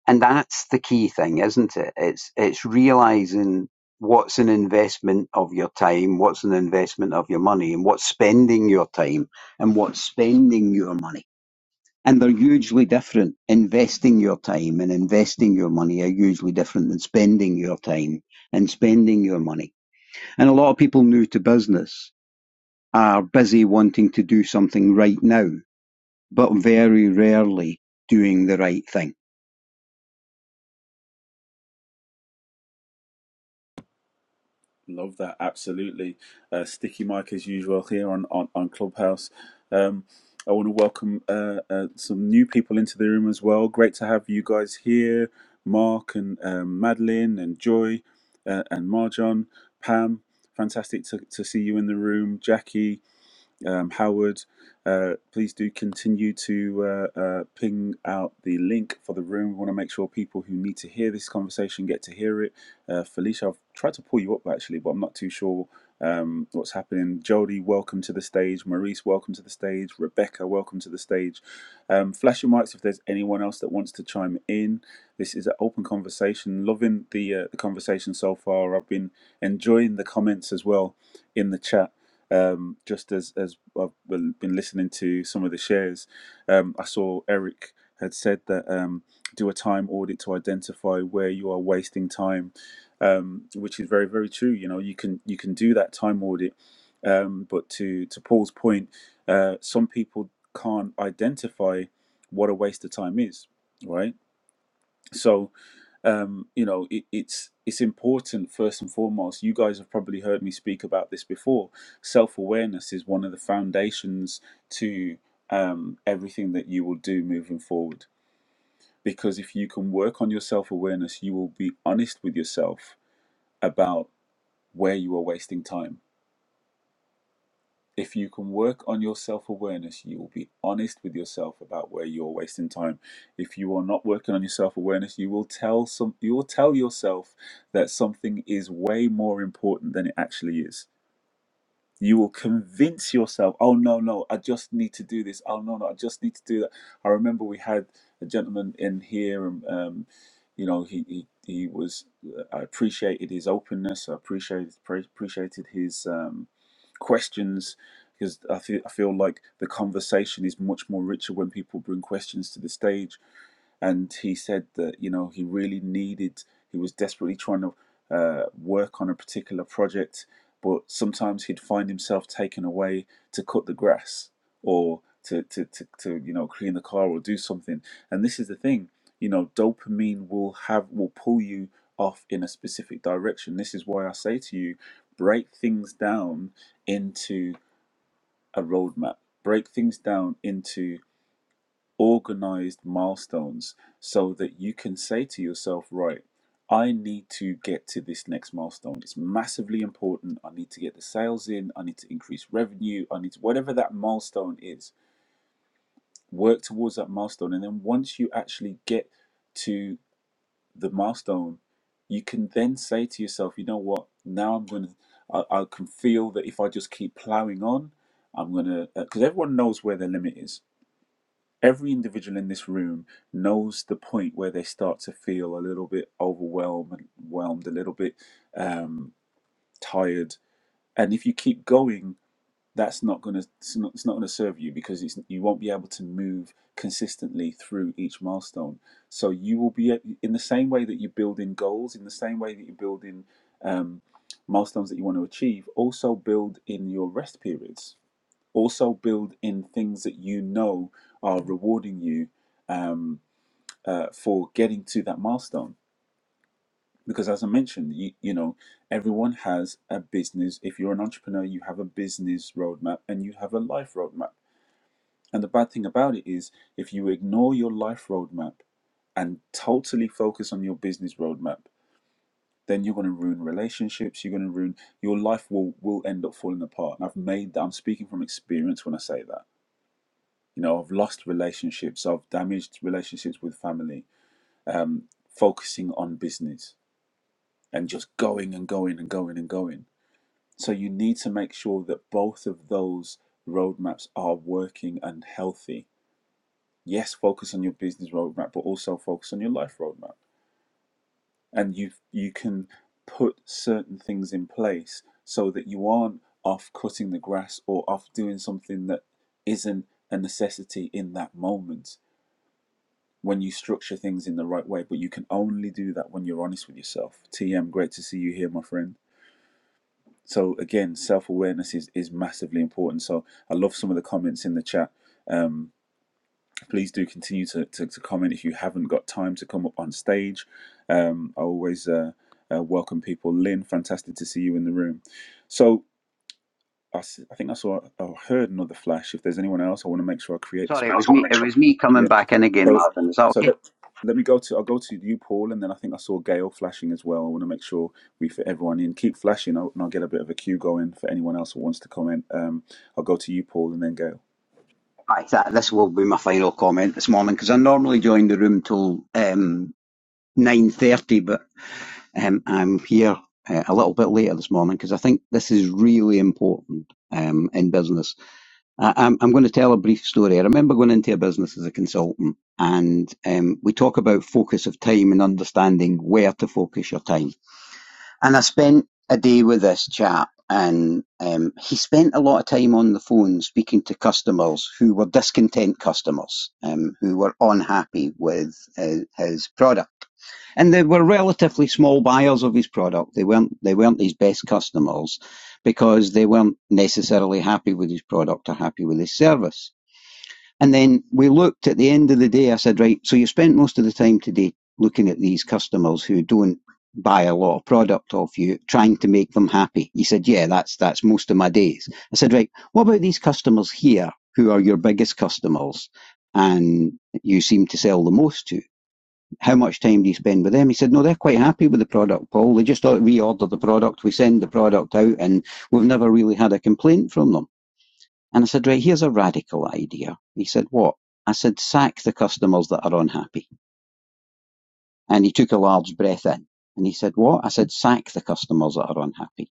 [SPEAKER 9] and that's the key thing, isn't it? It's it's realizing what's an investment of your time, what's an investment of your money, and what's spending your time and what's spending your money. And they're hugely different. Investing your time and investing your money are hugely different than spending your time and spending your money. And a lot of people new to business are busy wanting to do something right now, but very rarely doing the right thing
[SPEAKER 1] Love that, absolutely. Uh, sticky mic as usual here on on, on Clubhouse. Um, I want to welcome uh, uh, some new people into the room as well. Great to have you guys here, Mark and um, Madeline and Joy uh, and Marjan, Pam. Fantastic to, to see you in the room, Jackie um, Howard, uh, please do continue to uh, uh, ping out the link for the room. We want to make sure people who need to hear this conversation get to hear it. Uh, Felicia, I've tried to pull you up actually, but I'm not too sure um, what's happening. Jody, welcome to the stage. Maurice, welcome to the stage. Rebecca, welcome to the stage. Um, flash your mics if there's anyone else that wants to chime in. This is an open conversation. Loving the uh, the conversation so far. I've been enjoying the comments as well in the chat um, just as as I've been listening to some of the shares, um, I saw Eric had said that um, do a time audit to identify where you are wasting time, um, which is very very true. You know, you can you can do that time audit, um, but to to Paul's point, uh, some people can't identify what a waste of time is, right? So um, you know, it, it's it's important first and foremost. You guys have probably heard me speak about this before. Self awareness is one of the foundations to um, everything that you will do moving forward. Because if you can work on your self awareness, you will be honest with yourself about where you are wasting time If you can work on your self awareness, you will be honest with yourself about where you're wasting time. If you are not working on your self awareness, you will tell some you will tell yourself that something is way more important than it actually is you will convince yourself, oh no, no, I just need to do this. Oh no, no, I just need to do that. I remember we had a gentleman in here, and um, you know, he, he he was. I appreciated his openness. I appreciated pre- appreciated his um, questions because I feel I feel like the conversation is much more richer when people bring questions to the stage and he said that you know he really needed he was desperately trying to uh, work on a particular project but sometimes he'd find himself taken away to cut the grass or to, to, to, to you know clean the car or do something and this is the thing you know dopamine will have will pull you off in a specific direction this is why i say to you break things down into a roadmap break things down into organized milestones so that you can say to yourself, right, I need to get to this next milestone. It's massively important. I need to get the sales in. I need to increase revenue. I need to, whatever that milestone is, work towards that milestone. And then once you actually get to the milestone, you can then say to yourself, you know what, now I'm going to, I I can feel that if I just keep plowing on, I'm going to, because everyone knows where their limit is Every individual in this room knows the point where they start to feel a little bit overwhelmed, overwhelmed, a little bit um, tired. And if you keep going, that's not going to it's not, it's not going to serve you because it's, you won't be able to move consistently through each milestone. So you will be in the same way that you build in goals, in the same way that you build in um, milestones that you want to achieve. Also build in your rest periods also build in things that you know are rewarding you um, uh, for getting to that milestone because as i mentioned you, you know everyone has a business if you're an entrepreneur you have a business roadmap and you have a life roadmap and the bad thing about it is if you ignore your life roadmap and totally focus on your business roadmap then you're going to ruin relationships you're going to ruin your life will will end up falling apart and i've made that i'm speaking from experience when i say that you know i've lost relationships i've damaged relationships with family um, focusing on business and just going and going and going and going so you need to make sure that both of those roadmaps are working and healthy yes focus on your business roadmap but also focus on your life roadmap and you you can put certain things in place so that you aren't off cutting the grass or off doing something that isn't a necessity in that moment when you structure things in the right way, but you can only do that when you're honest with yourself. TM, great to see you here, my friend. So again, self awareness is is massively important. So I love some of the comments in the chat. Um, please do continue to, to, to comment if you haven't got time to come up on stage. Um, I always uh, uh, welcome people. Lynn, fantastic to see you in the room. So I, s- I think I saw I heard another flash. If there's anyone else, I want to make sure I create this.
[SPEAKER 9] Sorry, it was me. It was me
[SPEAKER 1] Yeah.
[SPEAKER 9] coming back in again,
[SPEAKER 1] So,
[SPEAKER 9] Marvin. Is that
[SPEAKER 1] so
[SPEAKER 9] okay?
[SPEAKER 1] let, let me go to. I'll go to you, Paul, and then I think I saw Gail flashing as well. I want to make sure we fit everyone in. Keep flashing, I'll- and I'll get a bit of a queue going for anyone else who wants to comment. Um, I'll go to you, Paul, and then Gail.
[SPEAKER 9] Right, that, this will be my final comment this morning because I normally join the room till um, nine thirty, but um, I'm here uh, a little bit later this morning because I think this is really important um, in business. I, I'm, I'm going to tell a brief story. I remember going into a business as a consultant, and um, we talk about focus of time and understanding where to focus your time. And I spent a day with this chap, and um, he spent a lot of time on the phone speaking to customers who were discontent customers, um, who were unhappy with his, his product. And they were relatively small buyers of his product. They weren't they weren't his best customers because they weren't necessarily happy with his product or happy with his service. And then we looked at the end of the day, I said, right, so you spent most of the time today looking at these customers who don't buy a lot of product off you, trying to make them happy. He said, yeah, that's, that's most of my days. I said, right, what about these customers here who are your biggest customers and you seem to sell the most to? How much time do you spend with them? He said, no, they're quite happy with the product, Paul. They just reorder the product. We send the product out and we've never really had a complaint from them. And I said, right, here's a radical idea. He said, what? I said, sack the customers that are unhappy. And he took a large breath in. And he said, what? I said, sack the customers that are unhappy.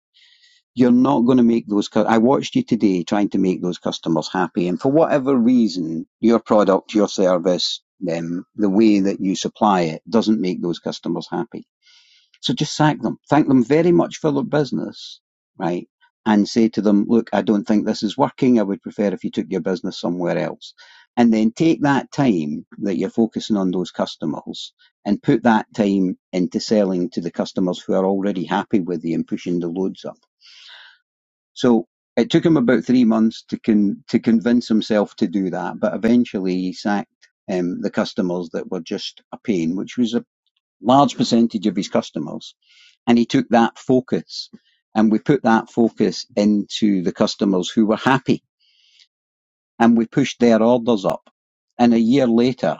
[SPEAKER 9] You're not going to make those, cu- I watched you today trying to make those customers happy. And for whatever reason, your product, your service, them, the way that you supply it doesn't make those customers happy. So just sack them. Thank them very much for their business, right? And say to them, look, I don't think this is working. I would prefer if you took your business somewhere else. And then take that time that you're focusing on those customers and put that time into selling to the customers who are already happy with you and pushing the loads up. So it took him about three months to con- to convince himself to do that, but eventually he sacked um, the customers that were just a pain, which was a large percentage of his customers and he took that focus and we put that focus into the customers who were happy and we pushed their orders up. And a year later,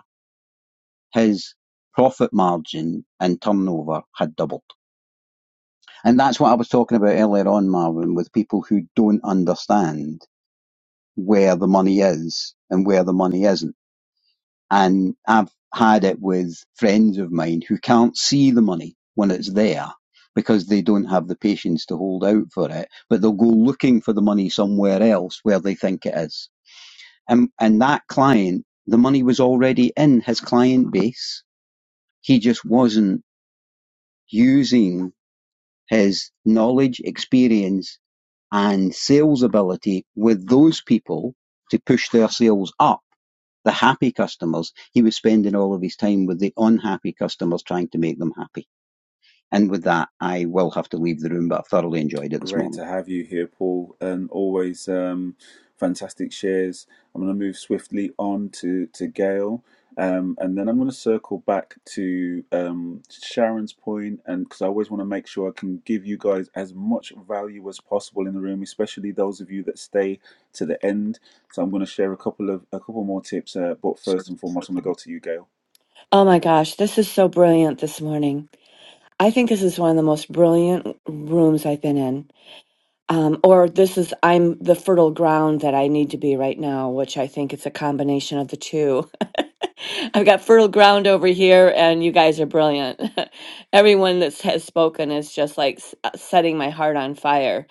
[SPEAKER 9] his profit margin and turnover had doubled. And that's what I was talking about earlier on, Marvin, with people who don't understand where the money is and where the money isn't. And I've had it with friends of mine who can't see the money when it's there because they don't have the patience to hold out for it, but they'll go looking for the money somewhere else where they think it is. And, and that client, the money was already in his client base. He just wasn't using his knowledge, experience and sales ability with those people to push their sales up the happy customers. He was spending all of his time with the unhappy customers trying to make them happy. And with that, I will have to leave the room, but I thoroughly enjoyed it this
[SPEAKER 1] Great
[SPEAKER 9] morning.
[SPEAKER 1] to have you here, Paul, and always um, fantastic shares. I'm going to move swiftly on to to Gail, um, and then I'm going to circle back to um, Sharon's point, and because I always want to make sure I can give you guys as much value as possible in the room, especially those of you that stay to the end. So I'm going to share a couple of a couple more tips, uh, but first and foremost, I'm going to go to you, Gail.
[SPEAKER 6] Oh my gosh, this is so brilliant this morning. I think this is one of the most brilliant rooms I've been in. um, or this is I'm the fertile ground that I need to be right now, which I think it's a combination of the two. (laughs) I've got fertile ground over here, and you guys are brilliant. (laughs) Everyone that has spoken is just like s- uh, setting my heart on fire.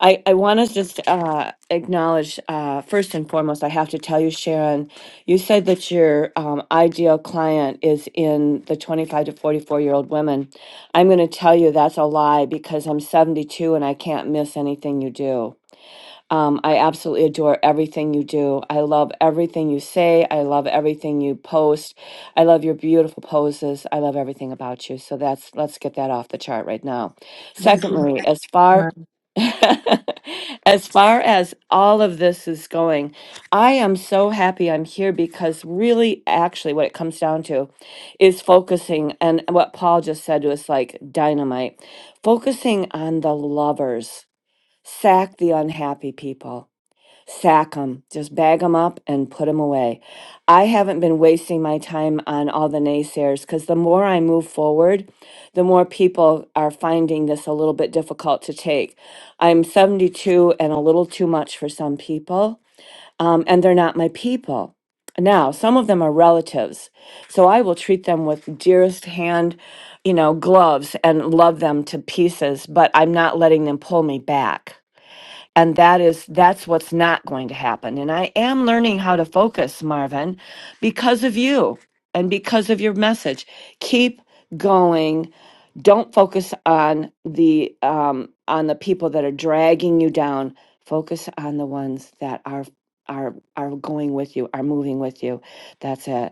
[SPEAKER 6] I, I want to just uh, acknowledge, uh, first and foremost, I have to tell you, Sharon, you said that your um, ideal client is in the 25 to 44 year old women. I'm going to tell you that's a lie because I'm 72 and I can't miss anything you do. Um, I absolutely adore everything you do. I love everything you say. I love everything you post. I love your beautiful poses. I love everything about you. So that's let's get that off the chart right now.
[SPEAKER 4] Thank you very
[SPEAKER 6] Secondly, as
[SPEAKER 4] much.
[SPEAKER 6] far (laughs) as far as all of this is going, I am so happy I'm here because really actually what it comes down to is focusing and what Paul just said was like dynamite. Focusing on the lovers Sack the unhappy people. Sack them. Just bag them up and put them away. I haven't been wasting my time on all the naysayers because the more I move forward, the more people are finding this a little bit difficult to take. I'm 72 and a little too much for some people, um, and they're not my people. Now, some of them are relatives, so I will treat them with dearest hand, you know, gloves and love them to pieces, but I'm not letting them pull me back and that is that's what's not going to happen and i am learning how to focus marvin because of you and because of your message keep going don't focus on the um on the people that are dragging you down focus on the ones that are are are going with you are moving with you that's it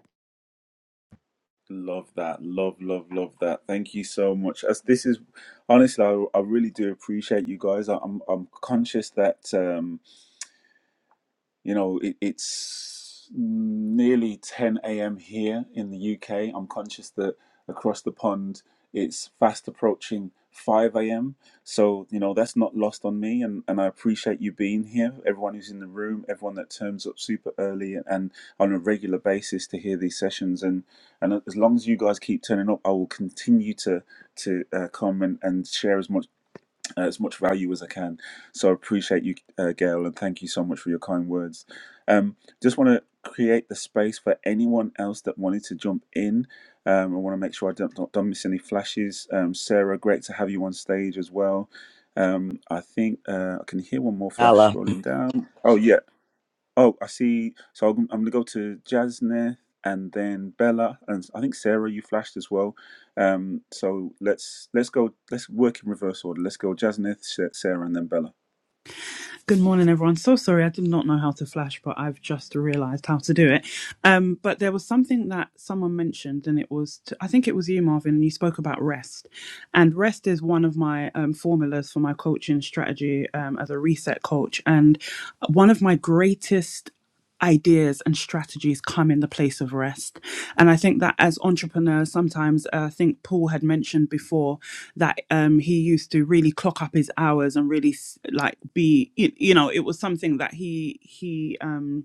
[SPEAKER 1] Love that. Love, love, love that. Thank you so much. As this is honestly, I, I really do appreciate you guys. I, I'm I'm conscious that. um you know, it, it's nearly 10 a.m. here in the UK. I'm conscious that across the pond it's fast approaching 5 a.m. So, you know, that's not lost on me. And, and I appreciate you being here, everyone who's in the room, everyone that turns up super early and and on a regular basis to hear these sessions. And, and as long as you guys keep turning up, I will continue to, to uh, come and, and share as much uh, as much value as I can. So I appreciate you, uh, Gail, and thank you so much for your kind words. Um, just want to create the space for anyone else that wanted to jump in. Um, I want to make sure I don't, don't, don't miss any flashes. Um, Sarah, great to have you on stage as well. Um, I think uh, I can hear one more
[SPEAKER 2] Hello.
[SPEAKER 1] flash scrolling down. Oh, yeah. Oh, I see. So I'm, I'm going to go to Jasne and then Bella, and I think Sarah, you flashed as well. Um, so let's let's go. Let's work in reverse order. Let's go Jasne, Sa- Sarah, and then Bella.
[SPEAKER 7] Good morning, everyone. So sorry, I did not know how to flash, but I've just realised how to do it. Um, but there was something that someone mentioned, and it was to, I think it was you, Marvin, and you spoke about rest. And rest is one of my um, formulas for my coaching strategy um, as a reset coach. And one of my greatest ideas and strategies come in the place of rest. And I think that as entrepreneurs, sometimes uh, I think Paul had mentioned before that um, he used to really clock up his hours and really like be you, you know it was something that he he um,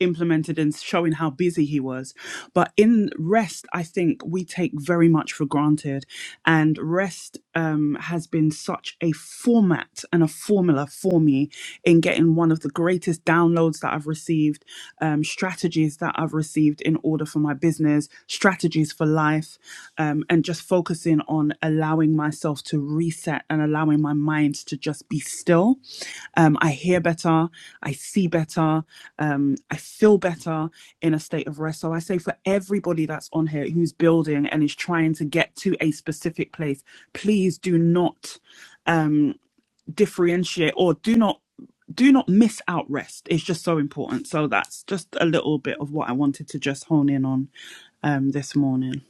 [SPEAKER 7] implemented and showing how busy he was. But in rest, I think we take very much for granted. And rest um, has been such a format and a formula for me in getting one of the greatest downloads that I've received, um, strategies that I've received in order for my business, strategies for life, um, and just focusing on allowing myself to reset and allowing my mind to just be still. Um, I hear better, I see better, um, I feel better in a state of rest. So I say for everybody that's on here who's building and is trying to get to a specific place, please do not um, differentiate or do not do not miss out rest. It's just so important. So that's just a little bit of what I wanted to just hone in on um, this morning.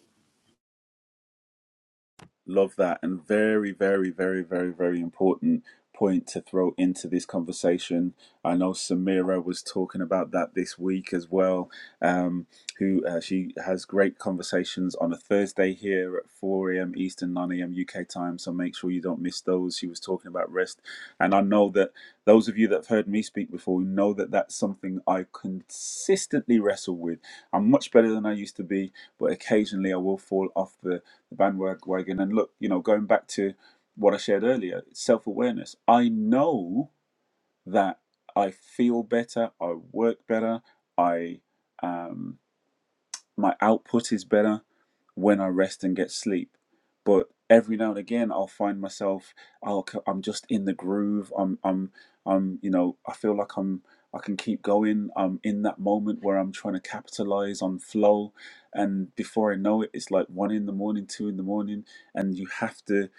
[SPEAKER 1] Love that. And very, very, very, very, very important point to throw into this conversation. I know Samira was talking about that this week as well. Um, who uh, she has great conversations on a Thursday here at 4 a.m. Eastern, 9 a.m. UK time. So make sure you don't miss those. She was talking about rest. And I know that those of you that have heard me speak before know that that's something I consistently wrestle with. I'm much better than I used to be, but occasionally I will fall off the the bandwagon. And look, you know, going back to what I shared earlier, self awareness. I know that I feel better, I work better, I. Um, my output is better when I rest and get sleep. But every now and again, I'll find myself, I'll, i I'm just in the groove. I'm, I'm, I'm, you know, I feel like I'm, I can keep going. I'm in that moment where I'm trying to capitalize on flow. And before I know it, it's like one in the morning, two in the morning. And you have to,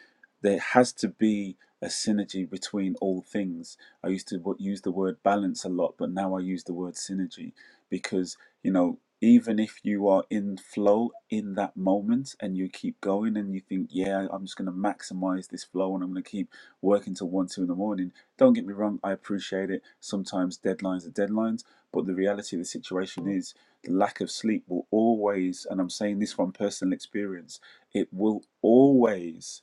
[SPEAKER 1] there has to be a synergy between all things. I used to w- use the word balance a lot, but now I use the word synergy because, you know, even if you are in flow in that moment and you keep going and you think, yeah, I'm just going to maximize this flow and I'm going to keep working till one, two in the morning. Don't get me wrong, I appreciate it. Sometimes deadlines are deadlines, but the reality of the situation is the lack of sleep will always, and I'm saying this from personal experience, it will always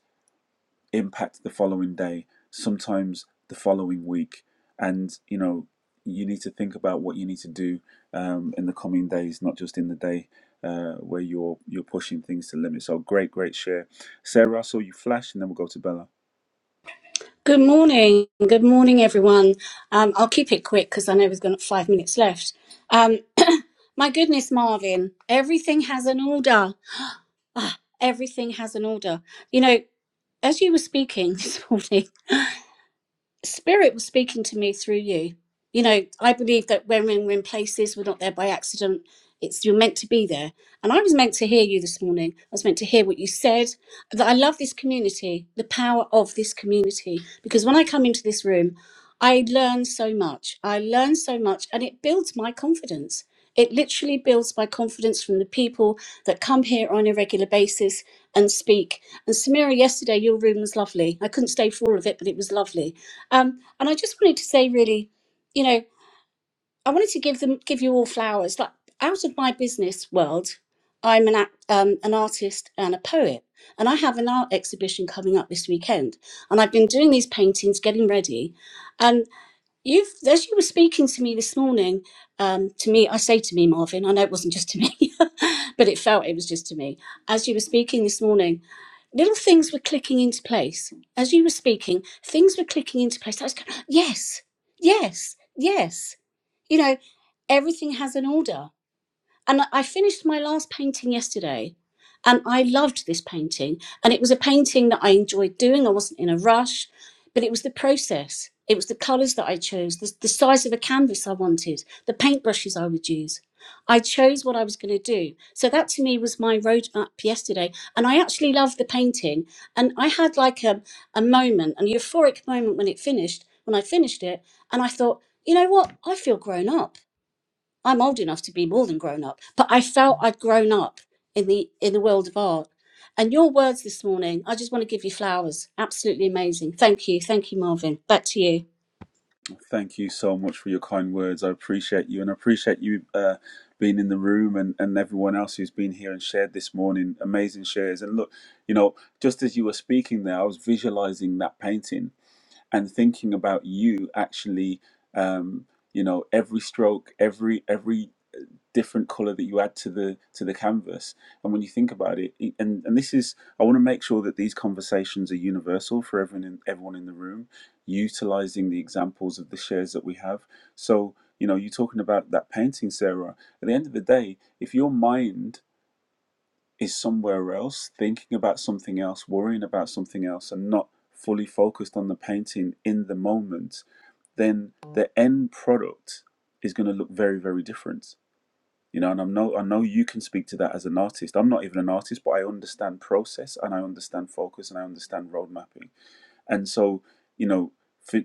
[SPEAKER 1] impact the following day, sometimes the following week. And, you know, you need to think about what you need to do um, in the coming days, not just in the day uh, where you're you're pushing things to limit. So great, great share. Sarah, I saw you flash and then we'll go to Bella.
[SPEAKER 10] Good morning. Good morning, everyone. Um, I'll keep it quick because I know we've got five minutes left. Um, (coughs) (clears throat) my goodness, Marvin, everything has an order. Ah, everything has an order. You know, as you were speaking (laughs) this morning, spirit was speaking to me through you. You know, I believe that when we're in places, we're not there by accident. It's you're meant to be there. And I was meant to hear you this morning. I was meant to hear what you said. That I love this community, the power of this community. Because when I come into this room, I learn so much. I learn so much and it builds my confidence. It literally builds my confidence from the people that come here on a regular basis and speak. And Samira, yesterday your room was lovely. I couldn't stay for all of it, but it was lovely um, and I just wanted to say, really, you know, I wanted to give them, give you all flowers. Like out of my business world, I'm an act, um, an artist and a poet, and I have an art exhibition coming up this weekend. And I've been doing these paintings, getting ready, You've, as you were speaking to me this morning, um, to me, I say to me, Marvin, I know it wasn't just to me, (laughs) but it felt it was just to me. As you were speaking this morning, little things were clicking into place. As you were speaking, things were clicking into place. I was going, yes, yes, yes. You know, everything has an order. And I finished my last painting yesterday, and I loved this painting. And it was a painting that I enjoyed doing. I wasn't in a rush, but it was the process. It was the colours that I chose, the, the size of a canvas I wanted, the paintbrushes I would use. I chose what I was going to do. So that to me was my roadmap yesterday. And I actually loved the painting. And I had like a, a moment, an euphoric moment when it finished, when I finished it. And I thought, you know what? I feel grown up. I'm old enough to be more than grown up, but I felt I'd grown up in the in the world of art. And your words this morning, I just want to give you flowers. Absolutely amazing. Thank you. Thank you, Marvin. Back to you.
[SPEAKER 1] Thank you so much for your kind words. I appreciate you and I appreciate you uh, being in the room and, and everyone else who's been here and shared this morning. Amazing shares. And look, you know, just as you were speaking there, I was visualizing that painting and thinking about you actually um, you know every stroke every every different color that you add to the to the canvas and when you think about it it- and and this is i want to make sure that these conversations are universal for everyone in everyone in the room utilizing the examples of the shares that we have so you know you're talking about that painting sarah at the end of the day if your mind is somewhere else, thinking about something else, worrying about something else, and not fully focused on the painting in the moment, then the end product is going to look very, very different. You know, and I know I know you can speak to that as an artist. I'm not even an artist, but I understand process and I understand focus and I understand road mapping. And so, you know, for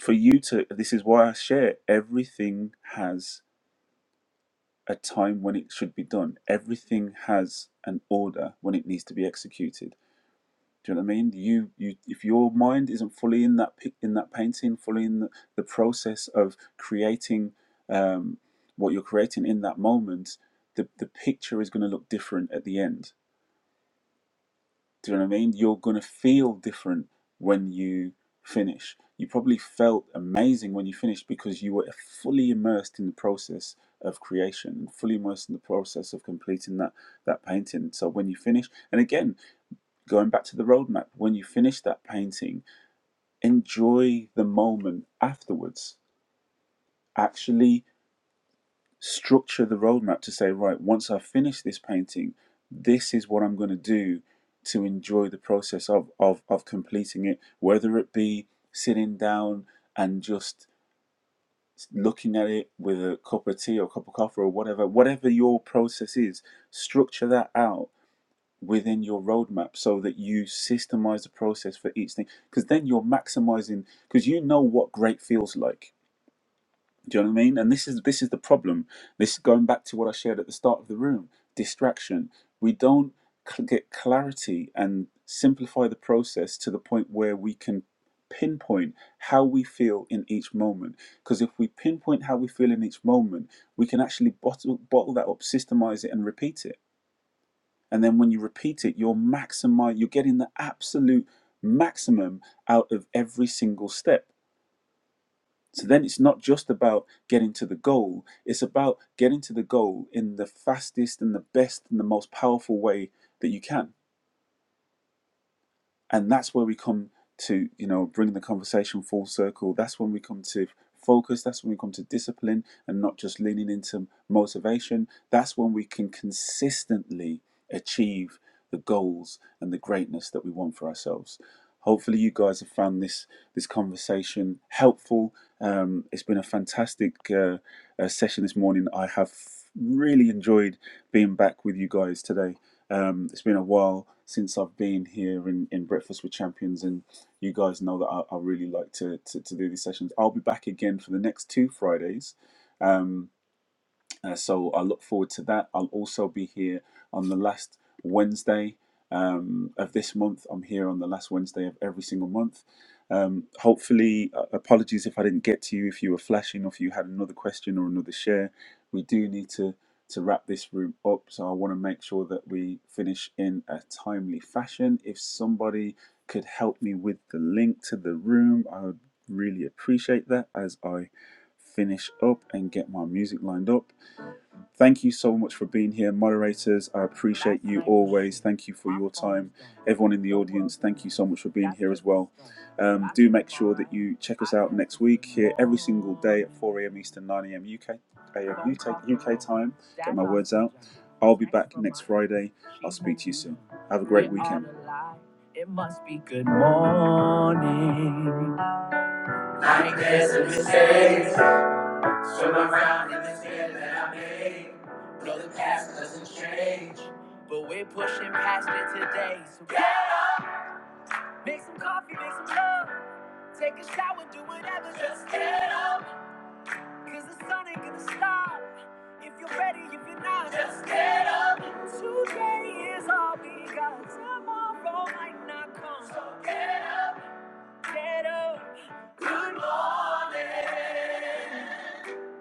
[SPEAKER 1] for you to this is why I share everything has a time when it should be done. Everything has an order when it needs to be executed. Do you know what I mean? You, you, if your mind isn't fully in that in that painting, fully in the, the process of creating um, what you're creating in that moment, the the picture is going to look different at the end do you know what I mean? You're going to feel different when you finish. You probably felt amazing when you finished because you were fully immersed in the process of creation and fully immersed in the process of completing that that painting. So when you finish, and again, going back to the roadmap, when you finish that painting, enjoy the moment afterwards. Actually structure the roadmap to say, right, once I finish this painting, this is what I'm going to do to enjoy the process of, of, of completing it, whether it be sitting down and just looking at it with a cup of tea or a cup of coffee or whatever, whatever your process is, structure that out within your roadmap so that you systemize the process for each thing because then you're maximizing because you know what great feels like do you know what I mean? And this is this is the problem. This is going back to what I shared at the start of the room. Distraction. We don't cl- get clarity and simplify the process to the point where we can pinpoint how we feel in each moment. Because if we pinpoint how we feel in each moment, we can actually bottle bottle that up, systemize it, and repeat it. And then when you repeat it, you're maximize. You're getting the absolute maximum out of every single step so then it's not just about getting to the goal, it's about getting to the goal in the fastest and the best and the most powerful way that you can and that's where we come to you know bring the conversation full circle that's when we come to focus that's when we come to discipline and not just leaning into motivation that's when we can consistently achieve the goals and the greatness that we want for ourselves hopefully you guys have found this this conversation helpful um, it's been a fantastic uh, uh, session this morning i have really enjoyed being back with you guys today um, it's been a while since I've been here in, in Breakfast with Champions, and you guys know that I, I really like to, to, to do these sessions. I'll be back again for the next two Fridays. Um, uh, so I look forward to that. I'll also be here on the last Wednesday um, of this month. I'm here on the last Wednesday of every single month. Um, hopefully, uh, apologies if I didn't get to you, if you were flashing, or if you had another question or another share. We do need to to wrap this room up, so I want to make sure that we finish in a timely fashion. If somebody could help me with the link to the room, I would really appreciate that as I finish up and get my music lined up. Thank you so much for being here, moderators. I appreciate you always. Thank you for your time. Everyone in the audience, thank you so much for being here as well. Um, do make sure that you check us out next week here every single day at 4 a.m. Eastern, 9 a.m. UK, uh, UK, time. Get my words out. I'll be back next Friday. I'll speak to you soon. Have a great weekend. It must be good morning. I guess it's Swim around in this bed that I made. No, the past doesn't change. But we're pushing past it today. So get up. Make some coffee, make some love. Take a shower, do whatever. Just get up. Cause the sun ain't gonna stop. If you're ready, if you're not, just get up. Today is all we got. Tomorrow might not come. So get, up. get up. Good morning.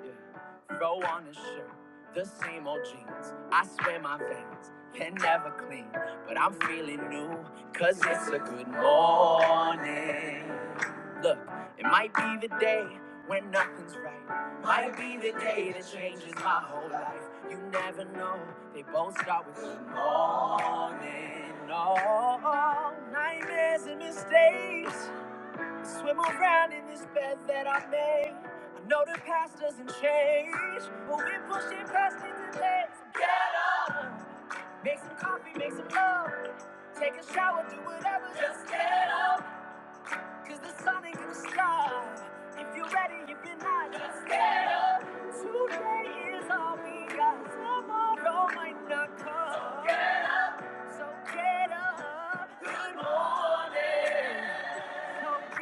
[SPEAKER 1] Yeah. Throw on a shirt, the same old jeans. I swear my veins can never clean, but I'm feeling new, cause it's a good morning. Look, it might be the day when nothing's right. Might be the day that changes my whole life. You never know, they both start with good morning. Oh, nightmares and mistakes. Swim around in this bed that I made. I know the past doesn't change, but we're pushing past it today. So get up, make some coffee, make some love, take a shower, do whatever. Just get up, cause the sun ain't gonna stop. If you're ready, if you're not, just get up. Today is all we got. Tomorrow might not come. So get up. Good morning. So